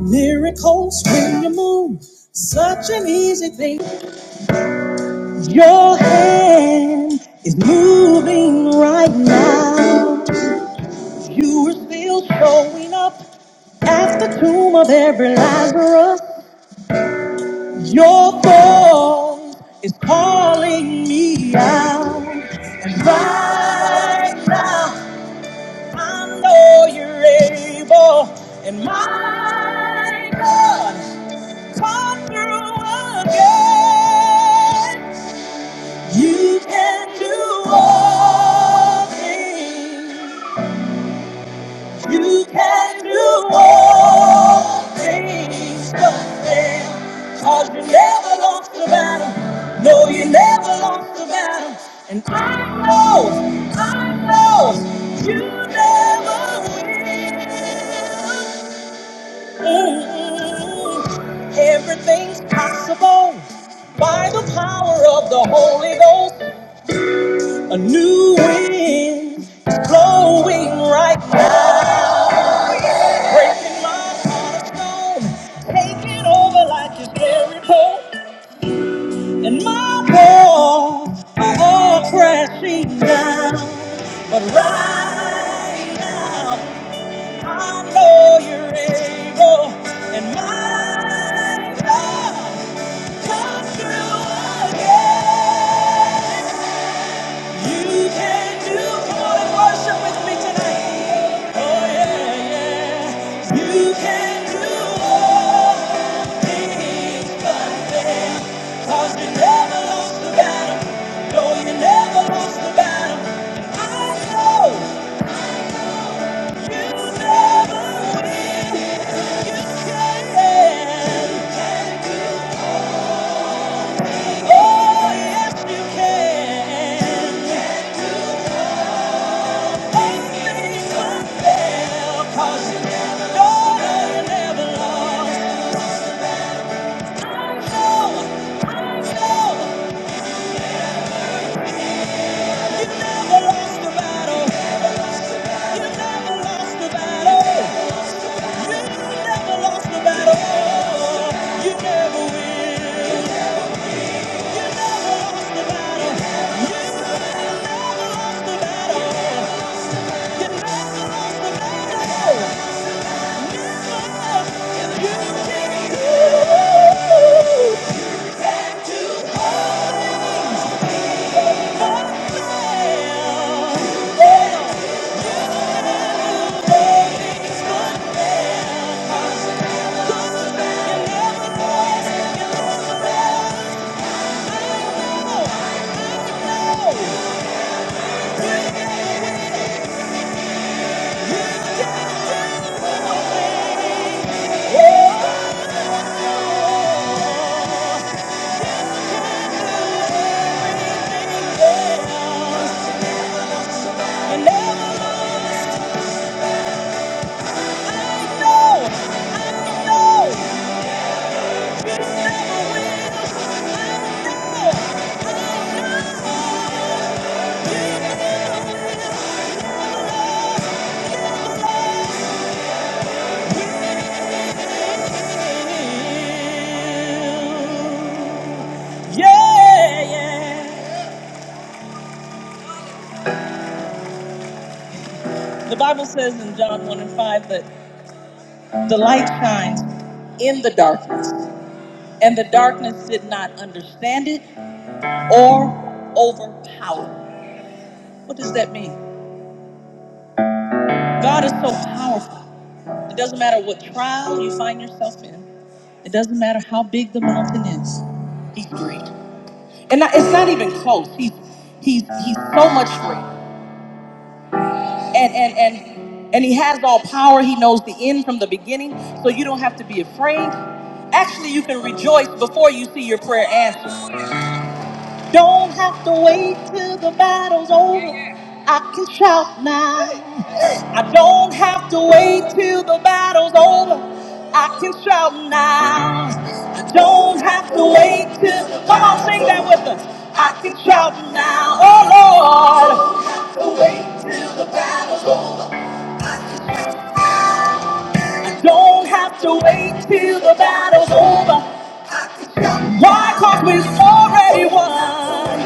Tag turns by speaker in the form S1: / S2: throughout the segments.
S1: Miracles when you move, such an easy thing. Your hand is moving right now. You are still showing up at the tomb of every Lazarus. Your voice is calling me out. And right now, I know you're able. And my God. Come through again. You can do all things. You can do all things. Don't fail. Cause you never lost the battle. No, you never lost the battle. And I know, I know, you never will. Mm, Everything's possible by the power of the Holy Ghost. A new wind is blowing right now, breaking my heart of stone, taking over like a scary pole, and my walls are all crashing down. But right now, I know you're able, and my God. Come through again. You can do Come on and worship with me tonight. Oh yeah, yeah. You can do all things but you never lost the battle. No, you never lost the battle. I know you never will. You can. yeah. You can do Oh, yes, you can. All things work well, 'cause daughter never lost. the battle. I know. I know. Yeah, yeah. The Bible says in John 1 and 5 that the light shines in the darkness, and the darkness did not understand it or overpower. it. What does that mean? God is so powerful. It doesn't matter what trial you find yourself in, it doesn't matter how big the mountain is. He's great. And not- it's not even close. He's, he's, he's so much greater. and and and and he has all power he knows the end from the beginning so you don't have to be afraid actually you can rejoice before you see your prayer answered don't have to wait till the battle's over i can shout now i don't have to wait till the battle's over I can shout now. I don't have to wait till. Come on, sing that with us. I can shout now. Oh Lord, I don't have to wait till the battle's over. Why? Cause we've already won.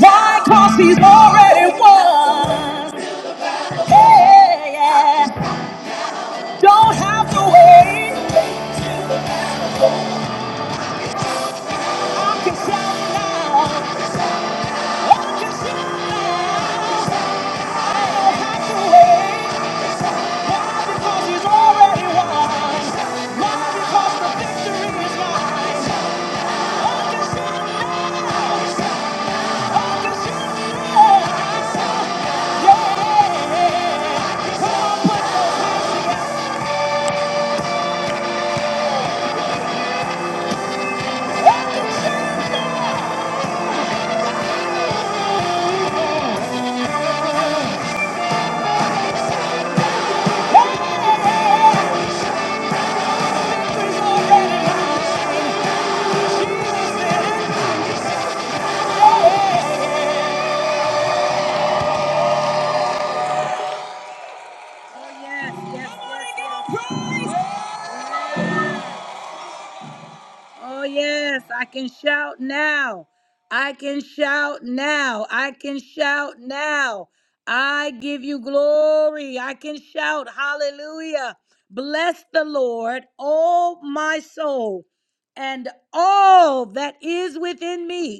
S1: Why? Cause he's already won. Yeah, yeah. Don't have to wait. I can shout now. I can shout now. I don't have to wait. Why? Because he's already won. Why? Because the victory is mine. I can shout now. I can shout now. Yeah. yeah. Come on, put your Oh, yes, I can shout now. I can shout now. I can shout now. I give you glory. I can shout hallelujah. Bless the Lord, all my soul, and all that is within me.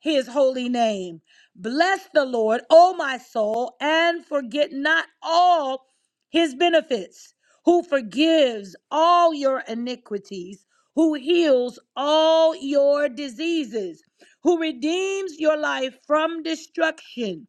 S1: his holy name. Bless the Lord, O my soul, and forget not all his benefits, who forgives all your iniquities, who heals all your diseases, who redeems your life from destruction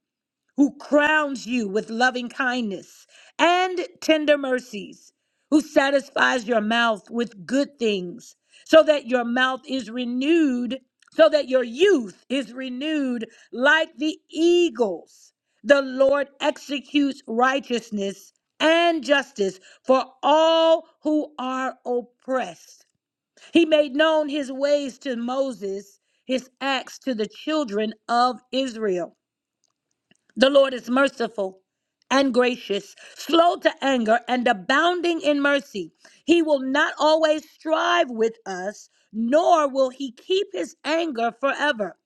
S1: who crowns you with loving kindness and tender mercies, who satisfies your mouth with good things, so that your mouth is renewed, so that your youth is renewed like the eagles. The Lord executes righteousness and justice for all who are oppressed. He made known his ways to Moses, his acts to the children of Israel. The Lord is merciful and gracious, slow to anger, and abounding in mercy. He will not always strive with us, nor will he keep his anger forever.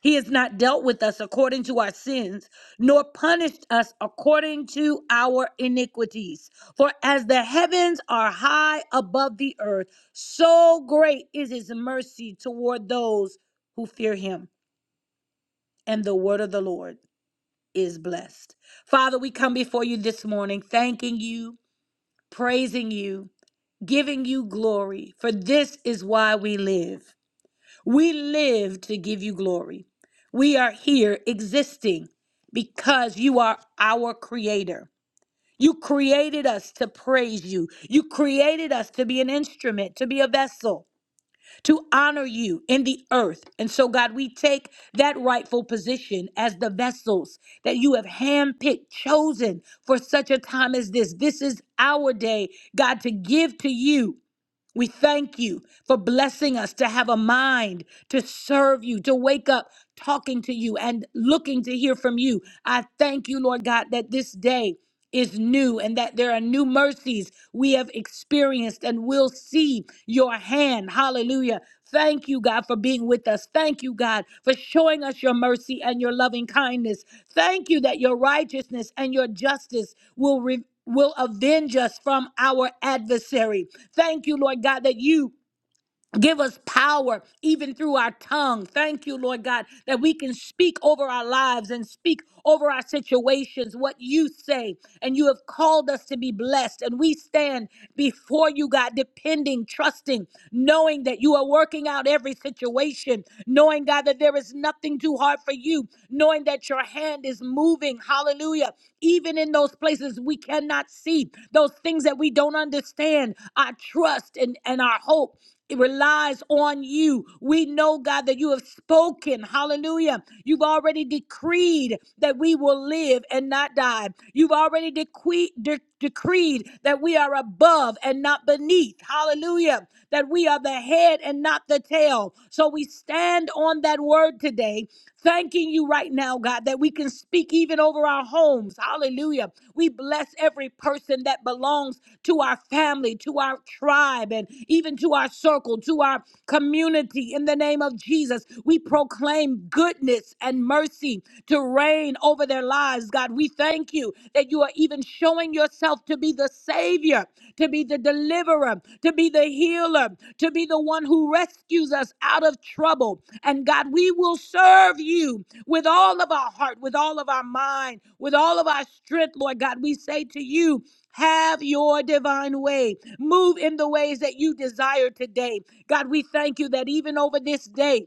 S1: He has not dealt with us according to our sins, nor punished us according to our iniquities. For as the heavens are high above the earth, so great is his mercy toward those who fear him. And the word of the Lord is blessed. Father, we come before you this morning, thanking you, praising you, giving you glory, for this is why we live. We live to give you glory. We are here existing because you are our creator. You created us to praise you. You created us to be an instrument, to be a vessel to honor you in the earth. And so, God, we take that rightful position as the vessels that you have handpicked, chosen for such a time as this. This is our day, God, to give to you. We thank you for blessing us to have a mind to serve you, to wake up talking to you and looking to hear from you. I thank you, Lord God, that this day is new and that there are new mercies we have experienced and will see your hand. Hallelujah. Thank you, God, for being with us. Thank you, God, for showing us your mercy and your loving kindness. Thank you that your righteousness and your justice will re will avenge us from our adversary. Thank you, Lord God, that you Give us power even through our tongue. Thank you, Lord God, that we can speak over our lives and speak over our situations what you say. And you have called us to be blessed. And we stand before you, God, depending, trusting, knowing that you are working out every situation, knowing, God, that there is nothing too hard for you, knowing that your hand is moving. Hallelujah. Even in those places we cannot see, those things that we don't understand, our trust and, and our hope. It relies on you. We know, God, that you have spoken. Hallelujah. You've already decreed that we will live and not die. You've already decree- de- decreed that we are above and not beneath. Hallelujah. That we are the head and not the tail. So we stand on that word today, thanking you right now, now, God, that we can speak even over our homes. Hallelujah. We bless every person that belongs to our family, to our tribe, and even to our circle, to our community. In the name of Jesus, we proclaim goodness and mercy to reign over their lives, God. We thank you that you are even showing yourself to be the Savior to be the deliverer, to be the healer, to be the one who rescues us out of trouble. And God, we will serve you with all of our heart, with all of our mind, with all of our strength, Lord God. We say to you, have your divine way. Move in the ways that you desire today. God, we thank you that even over this day,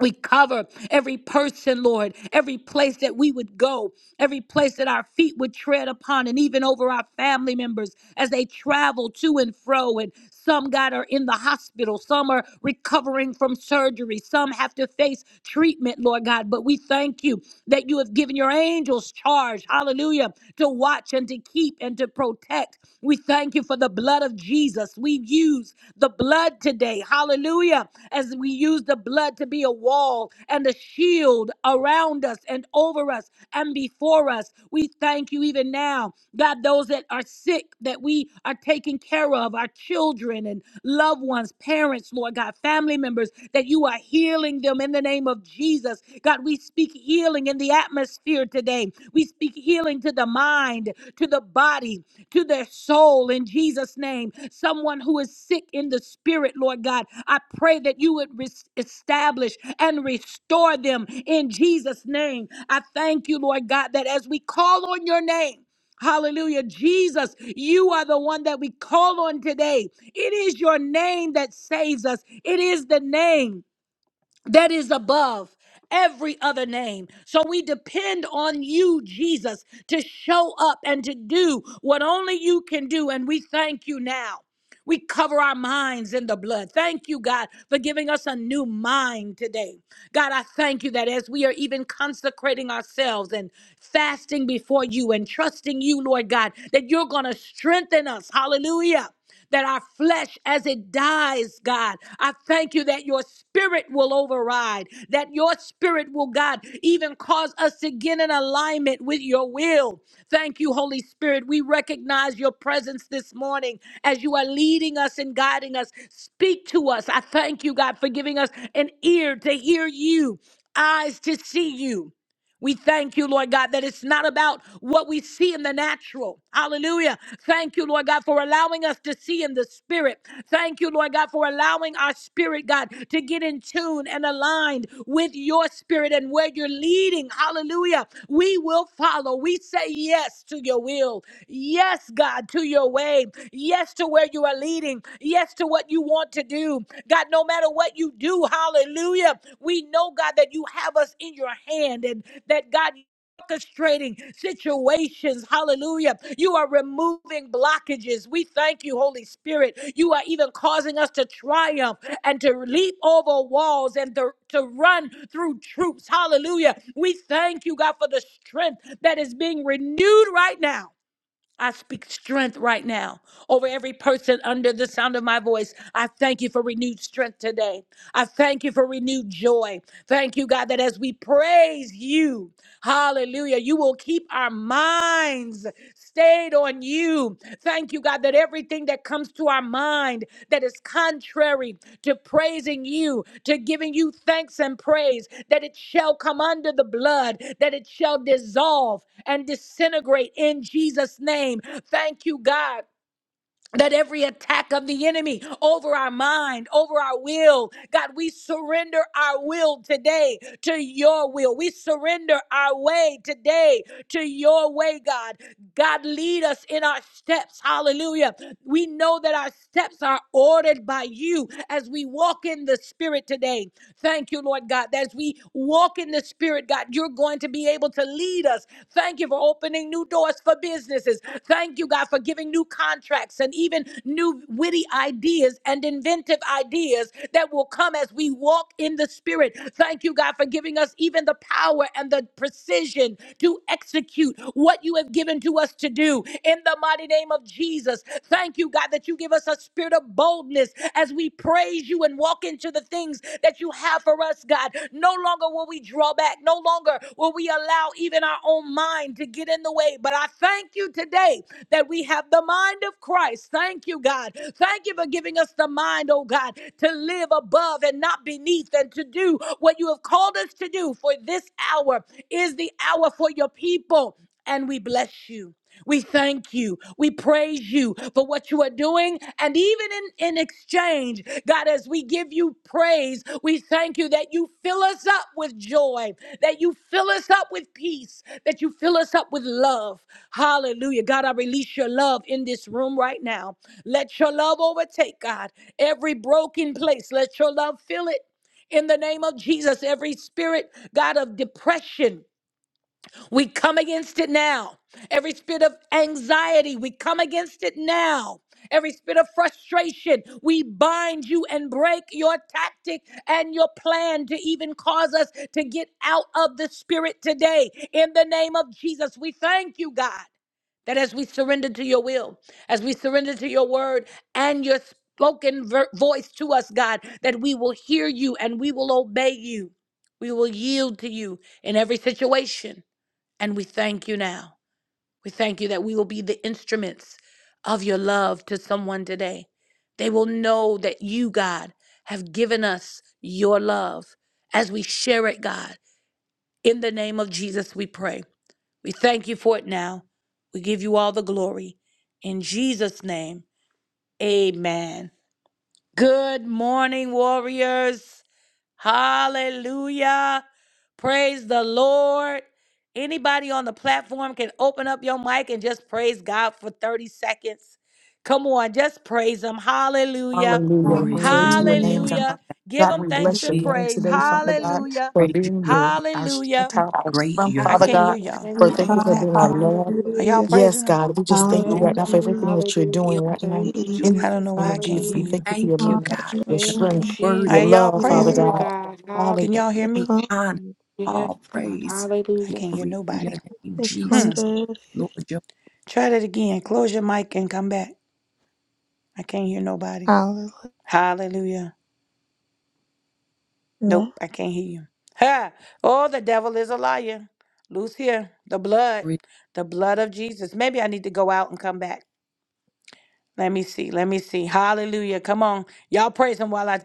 S1: we cover every person, Lord, every place that we would go, every place that our feet would tread upon, and even over our family members as they travel to and fro. And some, God, are in the hospital, some are recovering from surgery, some have to face treatment, Lord God. But we thank you that you have given your angels charge, hallelujah, to watch and to keep and to protect. We thank you for the blood of Jesus. We use the blood today. Hallelujah. As we use the blood to be a wall and a shield around us and over us and before us. We thank you even now, God, those that are sick that we are taking care of, our children and loved ones, parents, Lord God, family members, that you you are healing them in the name of Jesus. God, we speak healing in the atmosphere today. We speak healing to the mind, to the body, to their soul in Jesus' name. Someone who is sick in the spirit, Lord God, I pray that you would res- establish and restore them in Jesus' name. I thank you, Lord God, that as we call on your name, Hallelujah. Jesus, you are the one that we call on today. It is your name that saves us. It is the name that is above every other name. So we depend on you, Jesus, to show up and to do what only you can do. And we thank you now. We cover our minds in the blood. Thank you, God, for giving us a new mind today. God, I thank you that as we are even consecrating ourselves and fasting before you and trusting you, Lord God, that you're going to strengthen us. Hallelujah that our flesh as it dies, God. I thank you that your spirit will override, that your spirit will, God, even cause us to get in alignment with your will. Thank you, Holy Spirit. We recognize your presence this morning as you are leading us and guiding us. Speak to us. I thank you, God, for giving us an ear to hear you, eyes to see you. We thank you, Lord God, that it's not about what we see in the natural. Hallelujah. Thank you, Lord God, for allowing us to see in the spirit. Thank you, Lord God, for allowing our spirit, God, to get in tune and aligned with your spirit and where you're leading. Hallelujah Hallelujah. We will follow. We say yes to your will. Yes, God, to your way. Yes, to where you are leading. Yes, to what you want to do. God, no matter what you do, hallelujah. We know, God, that you have us in your hand and that, God, orchestrating situations. Hallelujah. You are removing blockages. We thank you, Holy Spirit. You are even causing us to triumph and to leap over walls and to, to run through troops. Hallelujah. We thank you, God, for the strength that is being renewed right now. I speak strength right now over every person under the sound of my voice. I thank you for renewed strength today. I thank you for renewed joy. Thank you, God, that as we praise you, hallelujah, you will keep our minds stayed on you do. Thank you, God, that everything that comes to our mind that is contrary to praising you, to giving you thanks and praise, that it shall come under the blood, that it shall dissolve and disintegrate in Jesus' name. Thank you, God that every attack of the enemy over our mind, over our will, God, we surrender our will today to your will. We surrender our way today to your way, God. God, lead us in our steps. Hallelujah. We know that our steps are ordered by you as we walk in the Spirit today. Thank you, Lord God. As we walk in the Spirit, God, you're going going to be able to lead us. Thank you for opening new doors for businesses. Thank you, God, for giving new contracts and even new witty ideas and inventive ideas that will come as we walk in the Spirit. Thank you, God, for giving us even the power and the precision to execute what you have given to us to do in the mighty name of Jesus. Thank you, God, that you give us a spirit of boldness as we praise you and walk into the things that you have for us, God. No longer will we draw back. No longer will we allow even our own mind to get in the way. But I thank you today that we have the mind of Christ. Thank you, God. Thank you for giving us the mind, oh God, to live above and not beneath and to do what you have called us to do. For this hour is the hour for your people and we bless you. We thank you. We praise you for what you are doing. And even in, in exchange, God, as we give you praise, we thank you that you fill us up with joy, that you fill us up with peace, that you fill us up with love. Hallelujah. God, I release your love in this room right now. Let your love overtake, God, every broken place. Let your love fill it. In the name of Jesus, every spirit, God, of depression, we come against it now. Every spirit of anxiety, we come against it now. Every spirit of frustration, we bind you and break your tactic and your plan to even cause us to get out of the spirit today. In the name of Jesus, we thank you, God, that as we surrender to your will, as we surrender to your word and your spoken ver- voice to us, God, that we will hear you and we will obey you. We will yield to you in every situation. And we thank you now. We thank you that we will be the instruments of your love to someone today. They will know that you, God, have given us your love as we share it, God. In the name of Jesus, we pray. We thank you for it now. We give you all the glory. In Jesus' name, amen. Good morning, warriors. Hallelujah. Praise the Lord. Anybody on the platform can open up your mic and just praise God for 30 seconds. Come on, just praise Him. Hallelujah.
S2: Hallelujah.
S3: Glory to
S2: Glory
S3: your
S2: to
S3: name,
S2: your name,
S3: Jesus.
S4: Hallelujah.
S2: God.
S1: Hallelujah.
S3: God,
S1: Give
S2: God,
S1: Him
S2: we
S1: thanks
S2: bless your
S1: and
S3: We
S5: Hallelujah.
S2: name
S1: praise.
S2: today,
S5: Thank you,
S2: Father
S5: God.
S2: God,
S1: Hallelujah.
S2: for
S3: praise you.
S2: being
S3: You're
S2: your our
S1: Hallelujah.
S2: shelter, our
S3: great.
S2: son,
S3: You're
S1: I
S2: Father
S3: great.
S1: can't hear
S2: God.
S5: Hallelujah.
S1: y'all.
S5: Thank
S2: For
S1: I
S5: you,
S4: Hallelujah.
S1: don't
S2: thank
S1: know
S2: you
S1: what's
S5: Jesus.
S2: for being our
S1: happening.
S2: Lord.
S1: Are
S5: Hallelujah.
S1: y'all
S4: Hallelujah.
S1: praising
S2: Yes,
S1: Him?
S2: God, we
S3: We
S2: just thank you
S5: Yes,
S2: right
S3: glorify
S2: now for
S5: God.
S2: everything
S4: Hallelujah.
S2: that you're
S5: Hallelujah.
S3: you.
S2: doing right now.
S5: Thank you,
S4: Yes.
S2: In
S1: I don't
S5: Jesus.
S1: know
S2: the
S3: We
S2: name
S1: why I
S2: of
S1: can't
S2: Jesus,
S1: hear
S3: say
S5: Hallelujah.
S2: we
S1: you.
S2: thank you for your
S3: thank you,
S2: love,
S3: God,
S2: your
S3: because
S5: Thank you,
S3: you're
S2: strength,
S4: Hallelujah.
S2: your
S1: Are
S3: worthy to
S5: Jesus.
S1: y'all
S2: love, Father
S1: praising
S4: Yes.
S5: Glory,
S1: Him?
S2: God.
S3: all
S5: God.
S1: Can
S2: Hallelujah.
S1: y'all hear
S5: Hallelujah.
S1: me?
S4: Come
S3: honor,
S6: Yes, yes,
S5: Yes,
S3: all
S5: God.
S3: praise.
S1: I
S5: Hallelujah.
S1: can't hear
S3: Glory to your
S1: nobody.
S3: name,
S1: Hmm.
S3: Jesus.
S6: yes.
S3: Lord,
S4: Secondary.
S3: you're
S1: Try that again. Close your mic and come back. I can't hear nobody.
S4: Hallelujah.
S1: Hallelujah. Nope, I can't hear you. Ha! Oh, the devil is a liar. Loose here. The blood.
S3: worthy.
S1: The blood of Jesus. Maybe I need to go out and come back. Let me see. Let me see. Hallelujah. Come on. Y'all praise him while I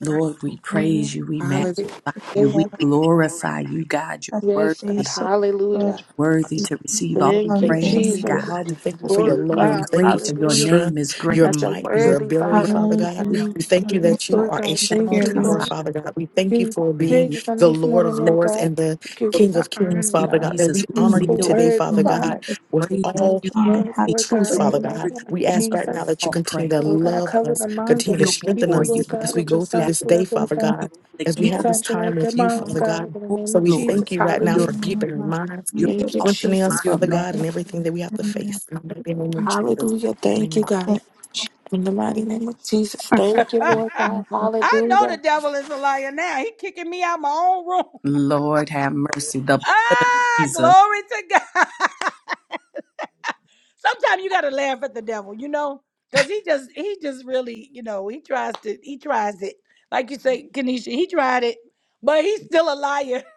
S3: Lord, we praise
S4: Hallelujah.
S3: you. We magnify
S4: Yes.
S5: Hallelujah.
S3: you.
S5: Thank
S3: We
S5: you.
S4: Let
S3: glorify you, God.
S4: A
S3: You're
S5: Yes, God.
S3: worthy,
S4: space of God
S5: Hallelujah.
S3: worthy to receive all
S2: Lord, we
S5: Thank
S4: come
S5: you,
S2: thank you for
S3: praise,
S2: who you
S4: in.
S5: Jesus.
S2: are.
S3: God.
S2: We thank you for your
S3: Lord,
S5: Glory,
S2: love.
S3: you're
S2: We
S5: God.
S2: thank you for
S3: great.
S2: your
S3: Your
S5: Hallelujah.
S2: strength,
S3: name is
S2: your
S3: great.
S5: At your
S2: might, your
S3: You
S5: worthy,
S2: ability,
S3: are
S5: Father.
S2: Father God.
S3: great.
S4: Hallelujah.
S2: We thank you
S4: We
S5: Yes,
S2: that you
S4: invite
S5: Lord
S2: are a
S5: God.
S4: you
S5: Thank
S2: strong
S4: here,
S3: Thank
S5: you,
S3: you,
S4: Lord.
S2: tower,
S5: Lord.
S3: Father,
S2: Father God. We thank you
S5: give
S2: for
S3: for your
S2: being
S3: love.
S5: praises on
S2: the
S5: this
S2: Lord
S5: morning,
S2: of
S3: Thank
S5: Lord
S2: Lords
S3: you.
S5: God.
S2: and the
S5: Give you
S2: King
S5: the
S2: of
S3: Thank
S2: Kings,
S5: honor,
S3: you,
S2: Father God.
S5: God.
S2: That
S3: Jesus.
S2: we
S5: You're
S2: honor
S4: Mm.
S5: so
S3: We
S2: you
S3: kneel before
S2: today,
S5: worthy,
S2: Father
S4: Come
S3: you. We
S2: God,
S5: Father.
S4: in.
S2: with
S3: praise
S4: come,
S5: Give
S2: all
S5: us
S3: you,
S5: the
S3: God,
S4: and
S5: love,
S4: have
S5: Lord
S3: because
S2: truth,
S4: your
S3: you're
S5: God,
S4: way.
S2: Father
S5: in all
S2: God.
S5: the
S3: worthy of
S5: honor,
S2: We
S5: of
S2: ask right now
S5: Jesus.
S2: that you
S3: all
S2: continue
S3: praise.
S2: to
S5: Lord God,
S2: love
S5: cover
S2: us,
S5: the
S3: We
S5: minds
S2: continue
S5: of
S2: to
S5: your
S3: kneel
S2: strengthen
S3: before
S5: people,
S2: us
S3: you.
S5: Lord
S3: We
S2: as
S5: God,
S2: we
S5: with your
S2: go through
S3: bow down
S5: son's
S2: this
S3: before
S2: day,
S5: blood, Lord
S2: Father
S5: God.
S3: you. You
S2: God,
S3: are the
S2: as we
S3: King.
S2: have
S4: Hallelujah.
S2: this time
S5: Saturate their
S2: with you,
S5: minds,
S2: Father
S3: You are
S5: God,
S2: God.
S5: in the
S3: the Lord of
S5: name
S2: So
S5: of
S2: we
S3: Lords.
S2: thank
S5: Jesus.
S2: you right now
S3: You're
S5: Hallelujah.
S2: for
S3: beautiful.
S2: keeping our minds,
S3: You're
S5: Thank you,
S2: strengthening
S3: awesome.
S2: us,
S5: Jesus.
S3: You're
S2: Father
S3: magnificent.
S2: God, and everything that we
S4: Hallelujah.
S2: have to
S4: Another-
S2: face. In the name of Jesus.
S5: Hallelujah. Thank
S2: Amen.
S5: you, God.
S4: Thank you,
S5: In the mighty name of Jesus. Thank you, Lord God.
S1: I know
S5: Hallelujah.
S1: the devil is a liar now. He kicking me out my own room.
S3: Lord, have mercy. The
S1: Ah,
S3: Jesus.
S1: glory to God. sometimes you gotta laugh at the devil, you know, because he just he just really, you know, he tries to he tries it. Like you say, Kenesha, he tried it, but he's still a liar.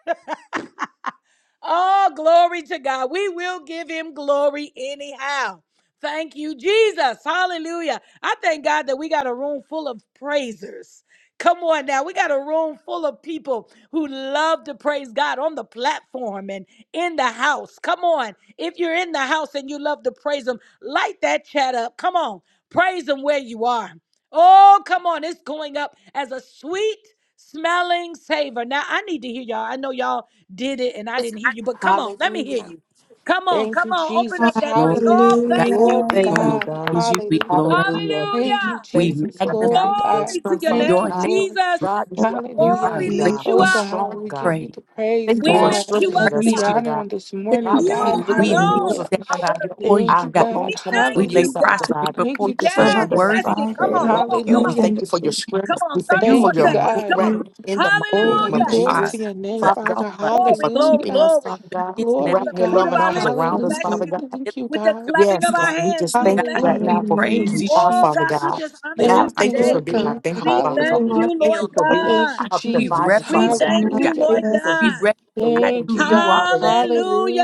S1: Oh, glory to God. We will give him glory anyhow. Thank you, Jesus. Hallelujah. I thank God that we got a room full of praisers. Come on now. We got a room full of people who love to praise God on the platform and in the house. Come on. If you're in the house and you love to praise Him, light that chat up. Come on. Praise Him where you are. Oh, come on. It's going up as a sweet smelling savor. Now, I need to hear y'all. I know y'all did it and I didn't hear you, but come on, let me hear
S5: Hallelujah.
S1: you. Come on,
S5: Thank
S1: come
S5: you,
S1: on, open up
S5: Jesus.
S1: that
S3: Lord,
S1: mic. Oh,
S5: Hallelujah.
S3: God,
S1: thank you,
S5: Glory,
S3: Lord,
S2: Thank
S3: we
S1: Jesus.
S2: you,
S5: God.
S2: God.
S3: praise you. We
S5: Hallelujah.
S3: glorify.
S2: Hallelujah.
S5: Thank you,
S1: Hallelujah.
S2: Thank
S3: We
S2: you
S5: Jesus.
S2: right
S3: magnify
S2: now
S5: Glory,
S2: for your
S5: God.
S1: Glory to
S2: strength,
S1: your
S2: Father
S5: Thank
S3: your
S1: name,
S5: you,
S2: God.
S3: name.
S5: Lord.
S1: Jesus.
S2: God, you are
S3: You
S1: Oh,
S3: are
S5: Hallelujah.
S1: we
S2: mighty
S1: lift
S2: God,
S1: you
S2: a
S5: Oh,
S3: greatly
S1: up.
S5: God,
S2: strong
S5: we
S2: God.
S5: give you
S3: praised.
S5: the praise,
S2: Thank you
S1: We
S2: for
S3: Lord,
S5: God,
S1: lift you
S3: we
S2: strengthening
S1: up,
S2: us,
S5: the
S3: praise
S1: God.
S3: you.
S2: Father
S5: honor
S2: God.
S5: on this morning,
S2: God, we
S5: God.
S1: You
S2: look
S3: We
S2: to the hills
S3: kneel
S1: alone
S5: Hallelujah.
S2: of
S3: down
S2: time.
S1: are
S2: Our help,
S1: worthy.
S3: for you,
S5: Thank you,
S2: our
S3: God.
S2: help only
S5: God.
S1: We
S2: coming
S1: thank
S3: We
S2: from you,
S3: lay
S1: you,
S5: Hallelujah.
S2: Father
S1: God.
S3: prostrate
S2: God.
S5: Thank
S3: before
S2: We
S5: you,
S3: you
S2: just
S4: for
S3: because
S2: thank
S3: you're
S1: Yes,
S2: you
S4: another
S2: right
S5: Jesus.
S1: that's
S3: worthy.
S2: now
S1: it.
S2: for
S1: Come
S4: Friday,
S2: your
S1: on,
S4: Lord,
S2: love.
S1: come on,
S4: for
S1: come
S3: You,
S4: the
S2: We
S1: on.
S5: Hallelujah.
S2: thank
S4: end of
S2: you for
S4: the
S2: your
S4: week.
S2: strength.
S1: Come
S4: Lord,
S2: We
S1: on,
S2: thank
S1: 30
S2: you
S3: you are
S2: for
S1: more
S5: Thank you,
S2: your
S4: That
S3: the
S1: seconds.
S3: Lord.
S2: might
S1: Come
S5: God.
S2: right
S1: on.
S4: you
S2: now in the mighty
S5: Oh,
S4: being
S2: name
S5: God,
S2: of
S1: Hallelujah.
S3: You
S4: there.
S5: glory
S3: are
S5: to
S2: Jesus.
S5: your name,
S3: the
S2: Father God,
S5: Father.
S3: Alpha
S2: thank
S3: and
S2: you
S1: Glory,
S2: for
S1: glory,
S2: keeping
S5: Hallelujah.
S2: us,
S1: glory.
S2: Father
S3: the
S2: God,
S3: beginning and
S1: With
S3: the
S5: Glory,
S1: the
S2: wrapping your
S1: fruit of
S2: loving
S5: God.
S1: our
S2: arms
S1: lips, we
S2: around us,
S5: Hallelujah.
S1: bless
S2: Father
S4: Hallelujah.
S1: you.
S2: God.
S3: wonder.
S5: Thank you,
S1: With the
S5: God.
S3: You're
S1: clapping
S2: Yes,
S1: of our
S3: beautiful,
S2: God, we
S1: hands,
S2: just
S1: we
S2: thank you
S3: God.
S1: bless
S2: right
S1: you.
S2: now
S3: We
S5: Hallelujah.
S2: for who
S5: Thank
S3: praise
S5: you,
S2: you
S4: Hallelujah.
S3: you.
S2: are,
S1: Oh
S2: Father
S1: God,
S5: Jesus.
S1: we
S2: God.
S1: just honor
S3: We Lift
S2: God,
S1: you
S5: Thank
S3: our
S5: you,
S2: thank you for
S1: today.
S5: Lord
S2: being our
S5: God.
S4: Hallelujah.
S2: banner,
S1: We
S4: Thank
S2: Father
S4: you,
S2: God.
S1: thank
S5: Hallelujah.
S4: Lord,
S1: you,
S2: Thank
S1: Lord
S3: heel
S2: you
S3: down.
S2: for
S4: for allowing
S2: being
S5: Thank
S1: God.
S5: you,
S2: our
S4: me
S3: We
S5: Jesus.
S2: provider,
S4: to
S1: We
S4: see
S2: Father
S3: reverence
S2: God.
S3: you,
S1: thank
S3: God.
S1: you,
S5: Hallelujah.
S1: Lord
S2: Thank you
S4: another
S2: for
S3: We
S2: being
S1: God.
S2: the
S3: recognize
S2: loving
S5: Thank
S3: who
S5: you,
S3: you
S4: day.
S3: are.
S5: God.
S2: Father that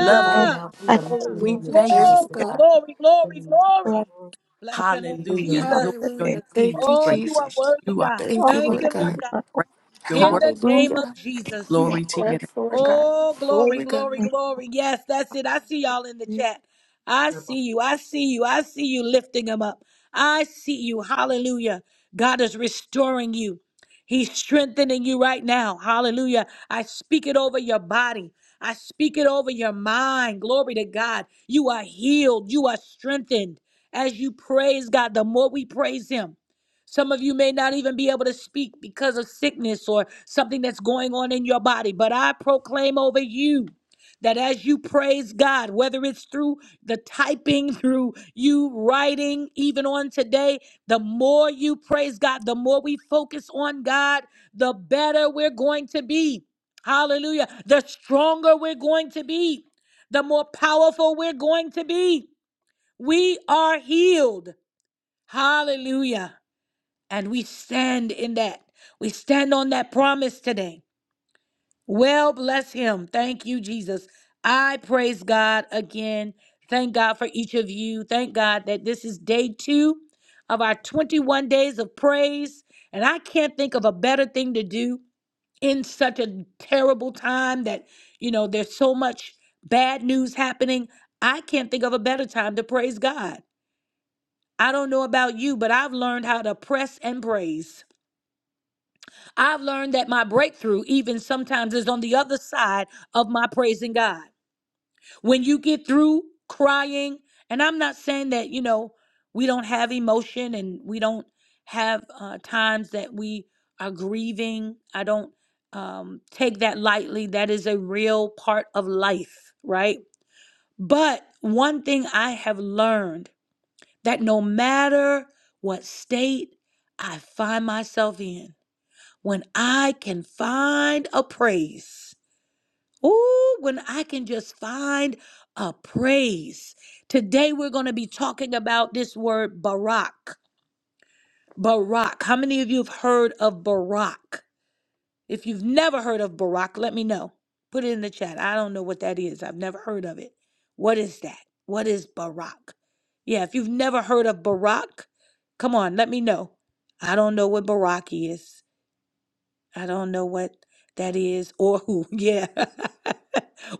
S3: Love
S2: right
S4: Lord,
S3: you.
S2: now in
S4: and thank
S2: the mighty
S3: We
S5: Hallelujah.
S2: name of
S3: thank you,
S5: Thank
S2: Jesus,
S5: you,
S1: Glory,
S3: God.
S4: you
S5: God.
S2: God.
S1: glory, glory,
S4: for
S1: glory.
S6: Thank
S4: us
S1: Bless your name,
S3: Hallelujah.
S2: Hallelujah.
S4: of
S1: Jesus.
S3: Lord,
S4: the
S3: your
S4: day.
S5: Hallelujah.
S3: name is
S5: Thank you,
S1: Oh, you
S3: great.
S1: are
S5: Jesus.
S1: worthy,
S3: You are
S1: God.
S5: Thank
S4: Lord,
S5: you,
S1: Thank
S4: all
S3: worthy
S5: Lord
S1: you,
S4: that
S3: to
S1: Lord
S5: God.
S3: be
S4: you
S1: God.
S4: are over
S3: praised. Your
S1: In
S3: word,
S1: the
S4: the
S1: name
S4: earth.
S1: of
S5: Hallelujah.
S1: Jesus.
S3: glory
S4: Hallelujah.
S3: to
S5: Yes,
S3: your
S5: Lord
S3: name.
S5: God.
S1: Oh, glory,
S5: Glory God.
S1: glory, glory. Yes, that's it. I see y'all in the chat. I
S6: you.
S1: see you. I see you. I see you lifting them up. I see you. Hallelujah. God is restoring you. He's strengthening you right now. Hallelujah. I speak it over your body. I speak it over your mind. Glory to God. You are healed. You are strengthened. As you praise God, the more we praise Him, some of you may not even be able to speak because of sickness or something that's going on in your body, but I proclaim over you that as you praise God, whether it's through the typing, through you writing, even on today, the more you praise God, the more we focus on God, the better we're going to be. Hallelujah. The stronger we're going to be, the more powerful we're going to be. We are healed. Hallelujah. And we stand in that. We stand on that promise today. Well, bless him. Thank you, Jesus. I praise God again. Thank God for each of you. Thank God that this is day two of our 21 days of praise. And I can't think of a better thing to do in such a terrible time that, you know, there's so much bad news happening. I can't think of a better time to praise God. I don't know about you, but I've learned how to press and praise. I've learned that my breakthrough, even sometimes, is on the other side of my praising God. When you get through crying, and I'm not saying that, you know, we don't have emotion and we don't have uh, times that we are grieving. I don't um, take that lightly. That is a real part of life, right? But one thing I have learned that no matter what state I find myself in, when I can find a praise. Ooh, when I can just find a praise. Today we're going to be talking about this word Barak. Barak. How many of you have heard of Barak? If you've never heard of Barak, let me know. Put it in the chat. I don't know what that is. I've never heard of it. What is that? What is Barak? Yeah, if you've never heard of Barak, come on, let me know. I don't know what Barak is. I don't know what that is or who. Yeah.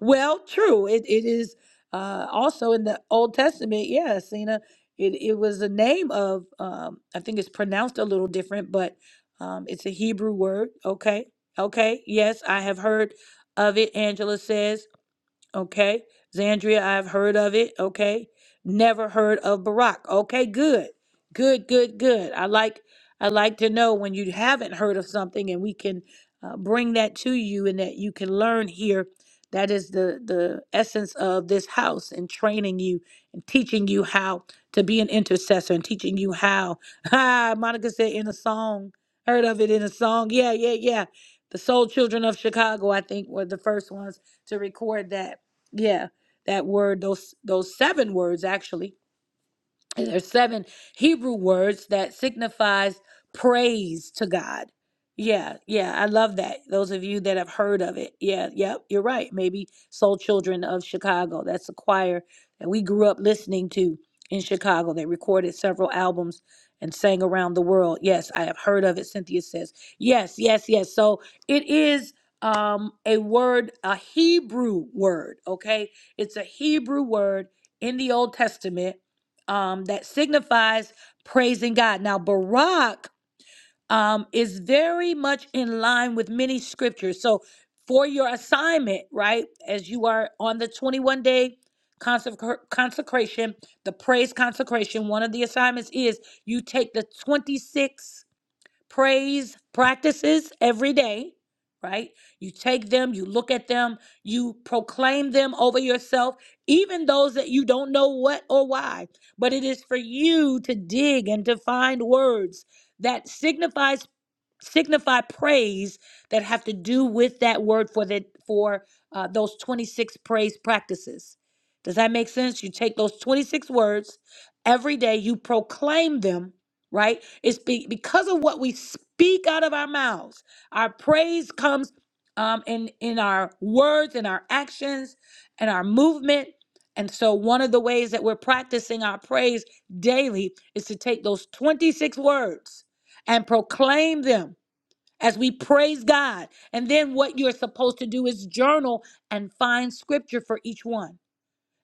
S1: well, true. It it is uh, also in the Old Testament. Yeah, Cena. It it was a name of. Um, I think it's pronounced a little different, but um, it's a Hebrew word. Okay. Okay. Yes, I have heard of it. Angela says. Okay. Zandria, I've heard of it. Okay. Never heard of Barack. Okay, good. Good, good, good. I like I like to know when you haven't heard of something and we can uh, bring that to you and that you can learn here. That is the the essence of this house and training you and teaching you how to be an intercessor and teaching you how. Ah, Monica said in a song. Heard of it in a song. Yeah, yeah, yeah. The Soul Children of Chicago, I think, were the first ones to record that yeah, that word, those those seven words actually, and there's seven Hebrew words that signifies praise to God. Yeah, yeah, I love that. Those of you that have heard of it. Yeah, yep, you're right. Maybe Soul Children of Chicago. That's a choir that we grew up listening to in Chicago. They recorded several albums and sang around the world. Yes, I have heard of it, Cynthia says. Yes, yes, yes. So it is um a word, a Hebrew word, okay? It's a Hebrew word in the Old Testament um, that signifies praising God. Now, Barak um, is very much in line with many scriptures. So, for your assignment, right, as you are on the 21 day consec- consecration, the praise consecration, one of the assignments is you take the 26 praise practices every day, right? You take them, you look at them, you proclaim them over yourself, even those that you don't know what or why. But it is for you to dig and to find words that signifies signify praise that have to do with that word for the for uh, those 26 praise practices does that make sense you take those 26 words every day you proclaim them right it's be, because of what we speak out of our mouths our praise comes um, in in our words and our actions and our movement and so one of the ways that we're practicing our praise daily is to take those 26 words and proclaim them as we praise God. And then what you're supposed to do is journal and find scripture for each one.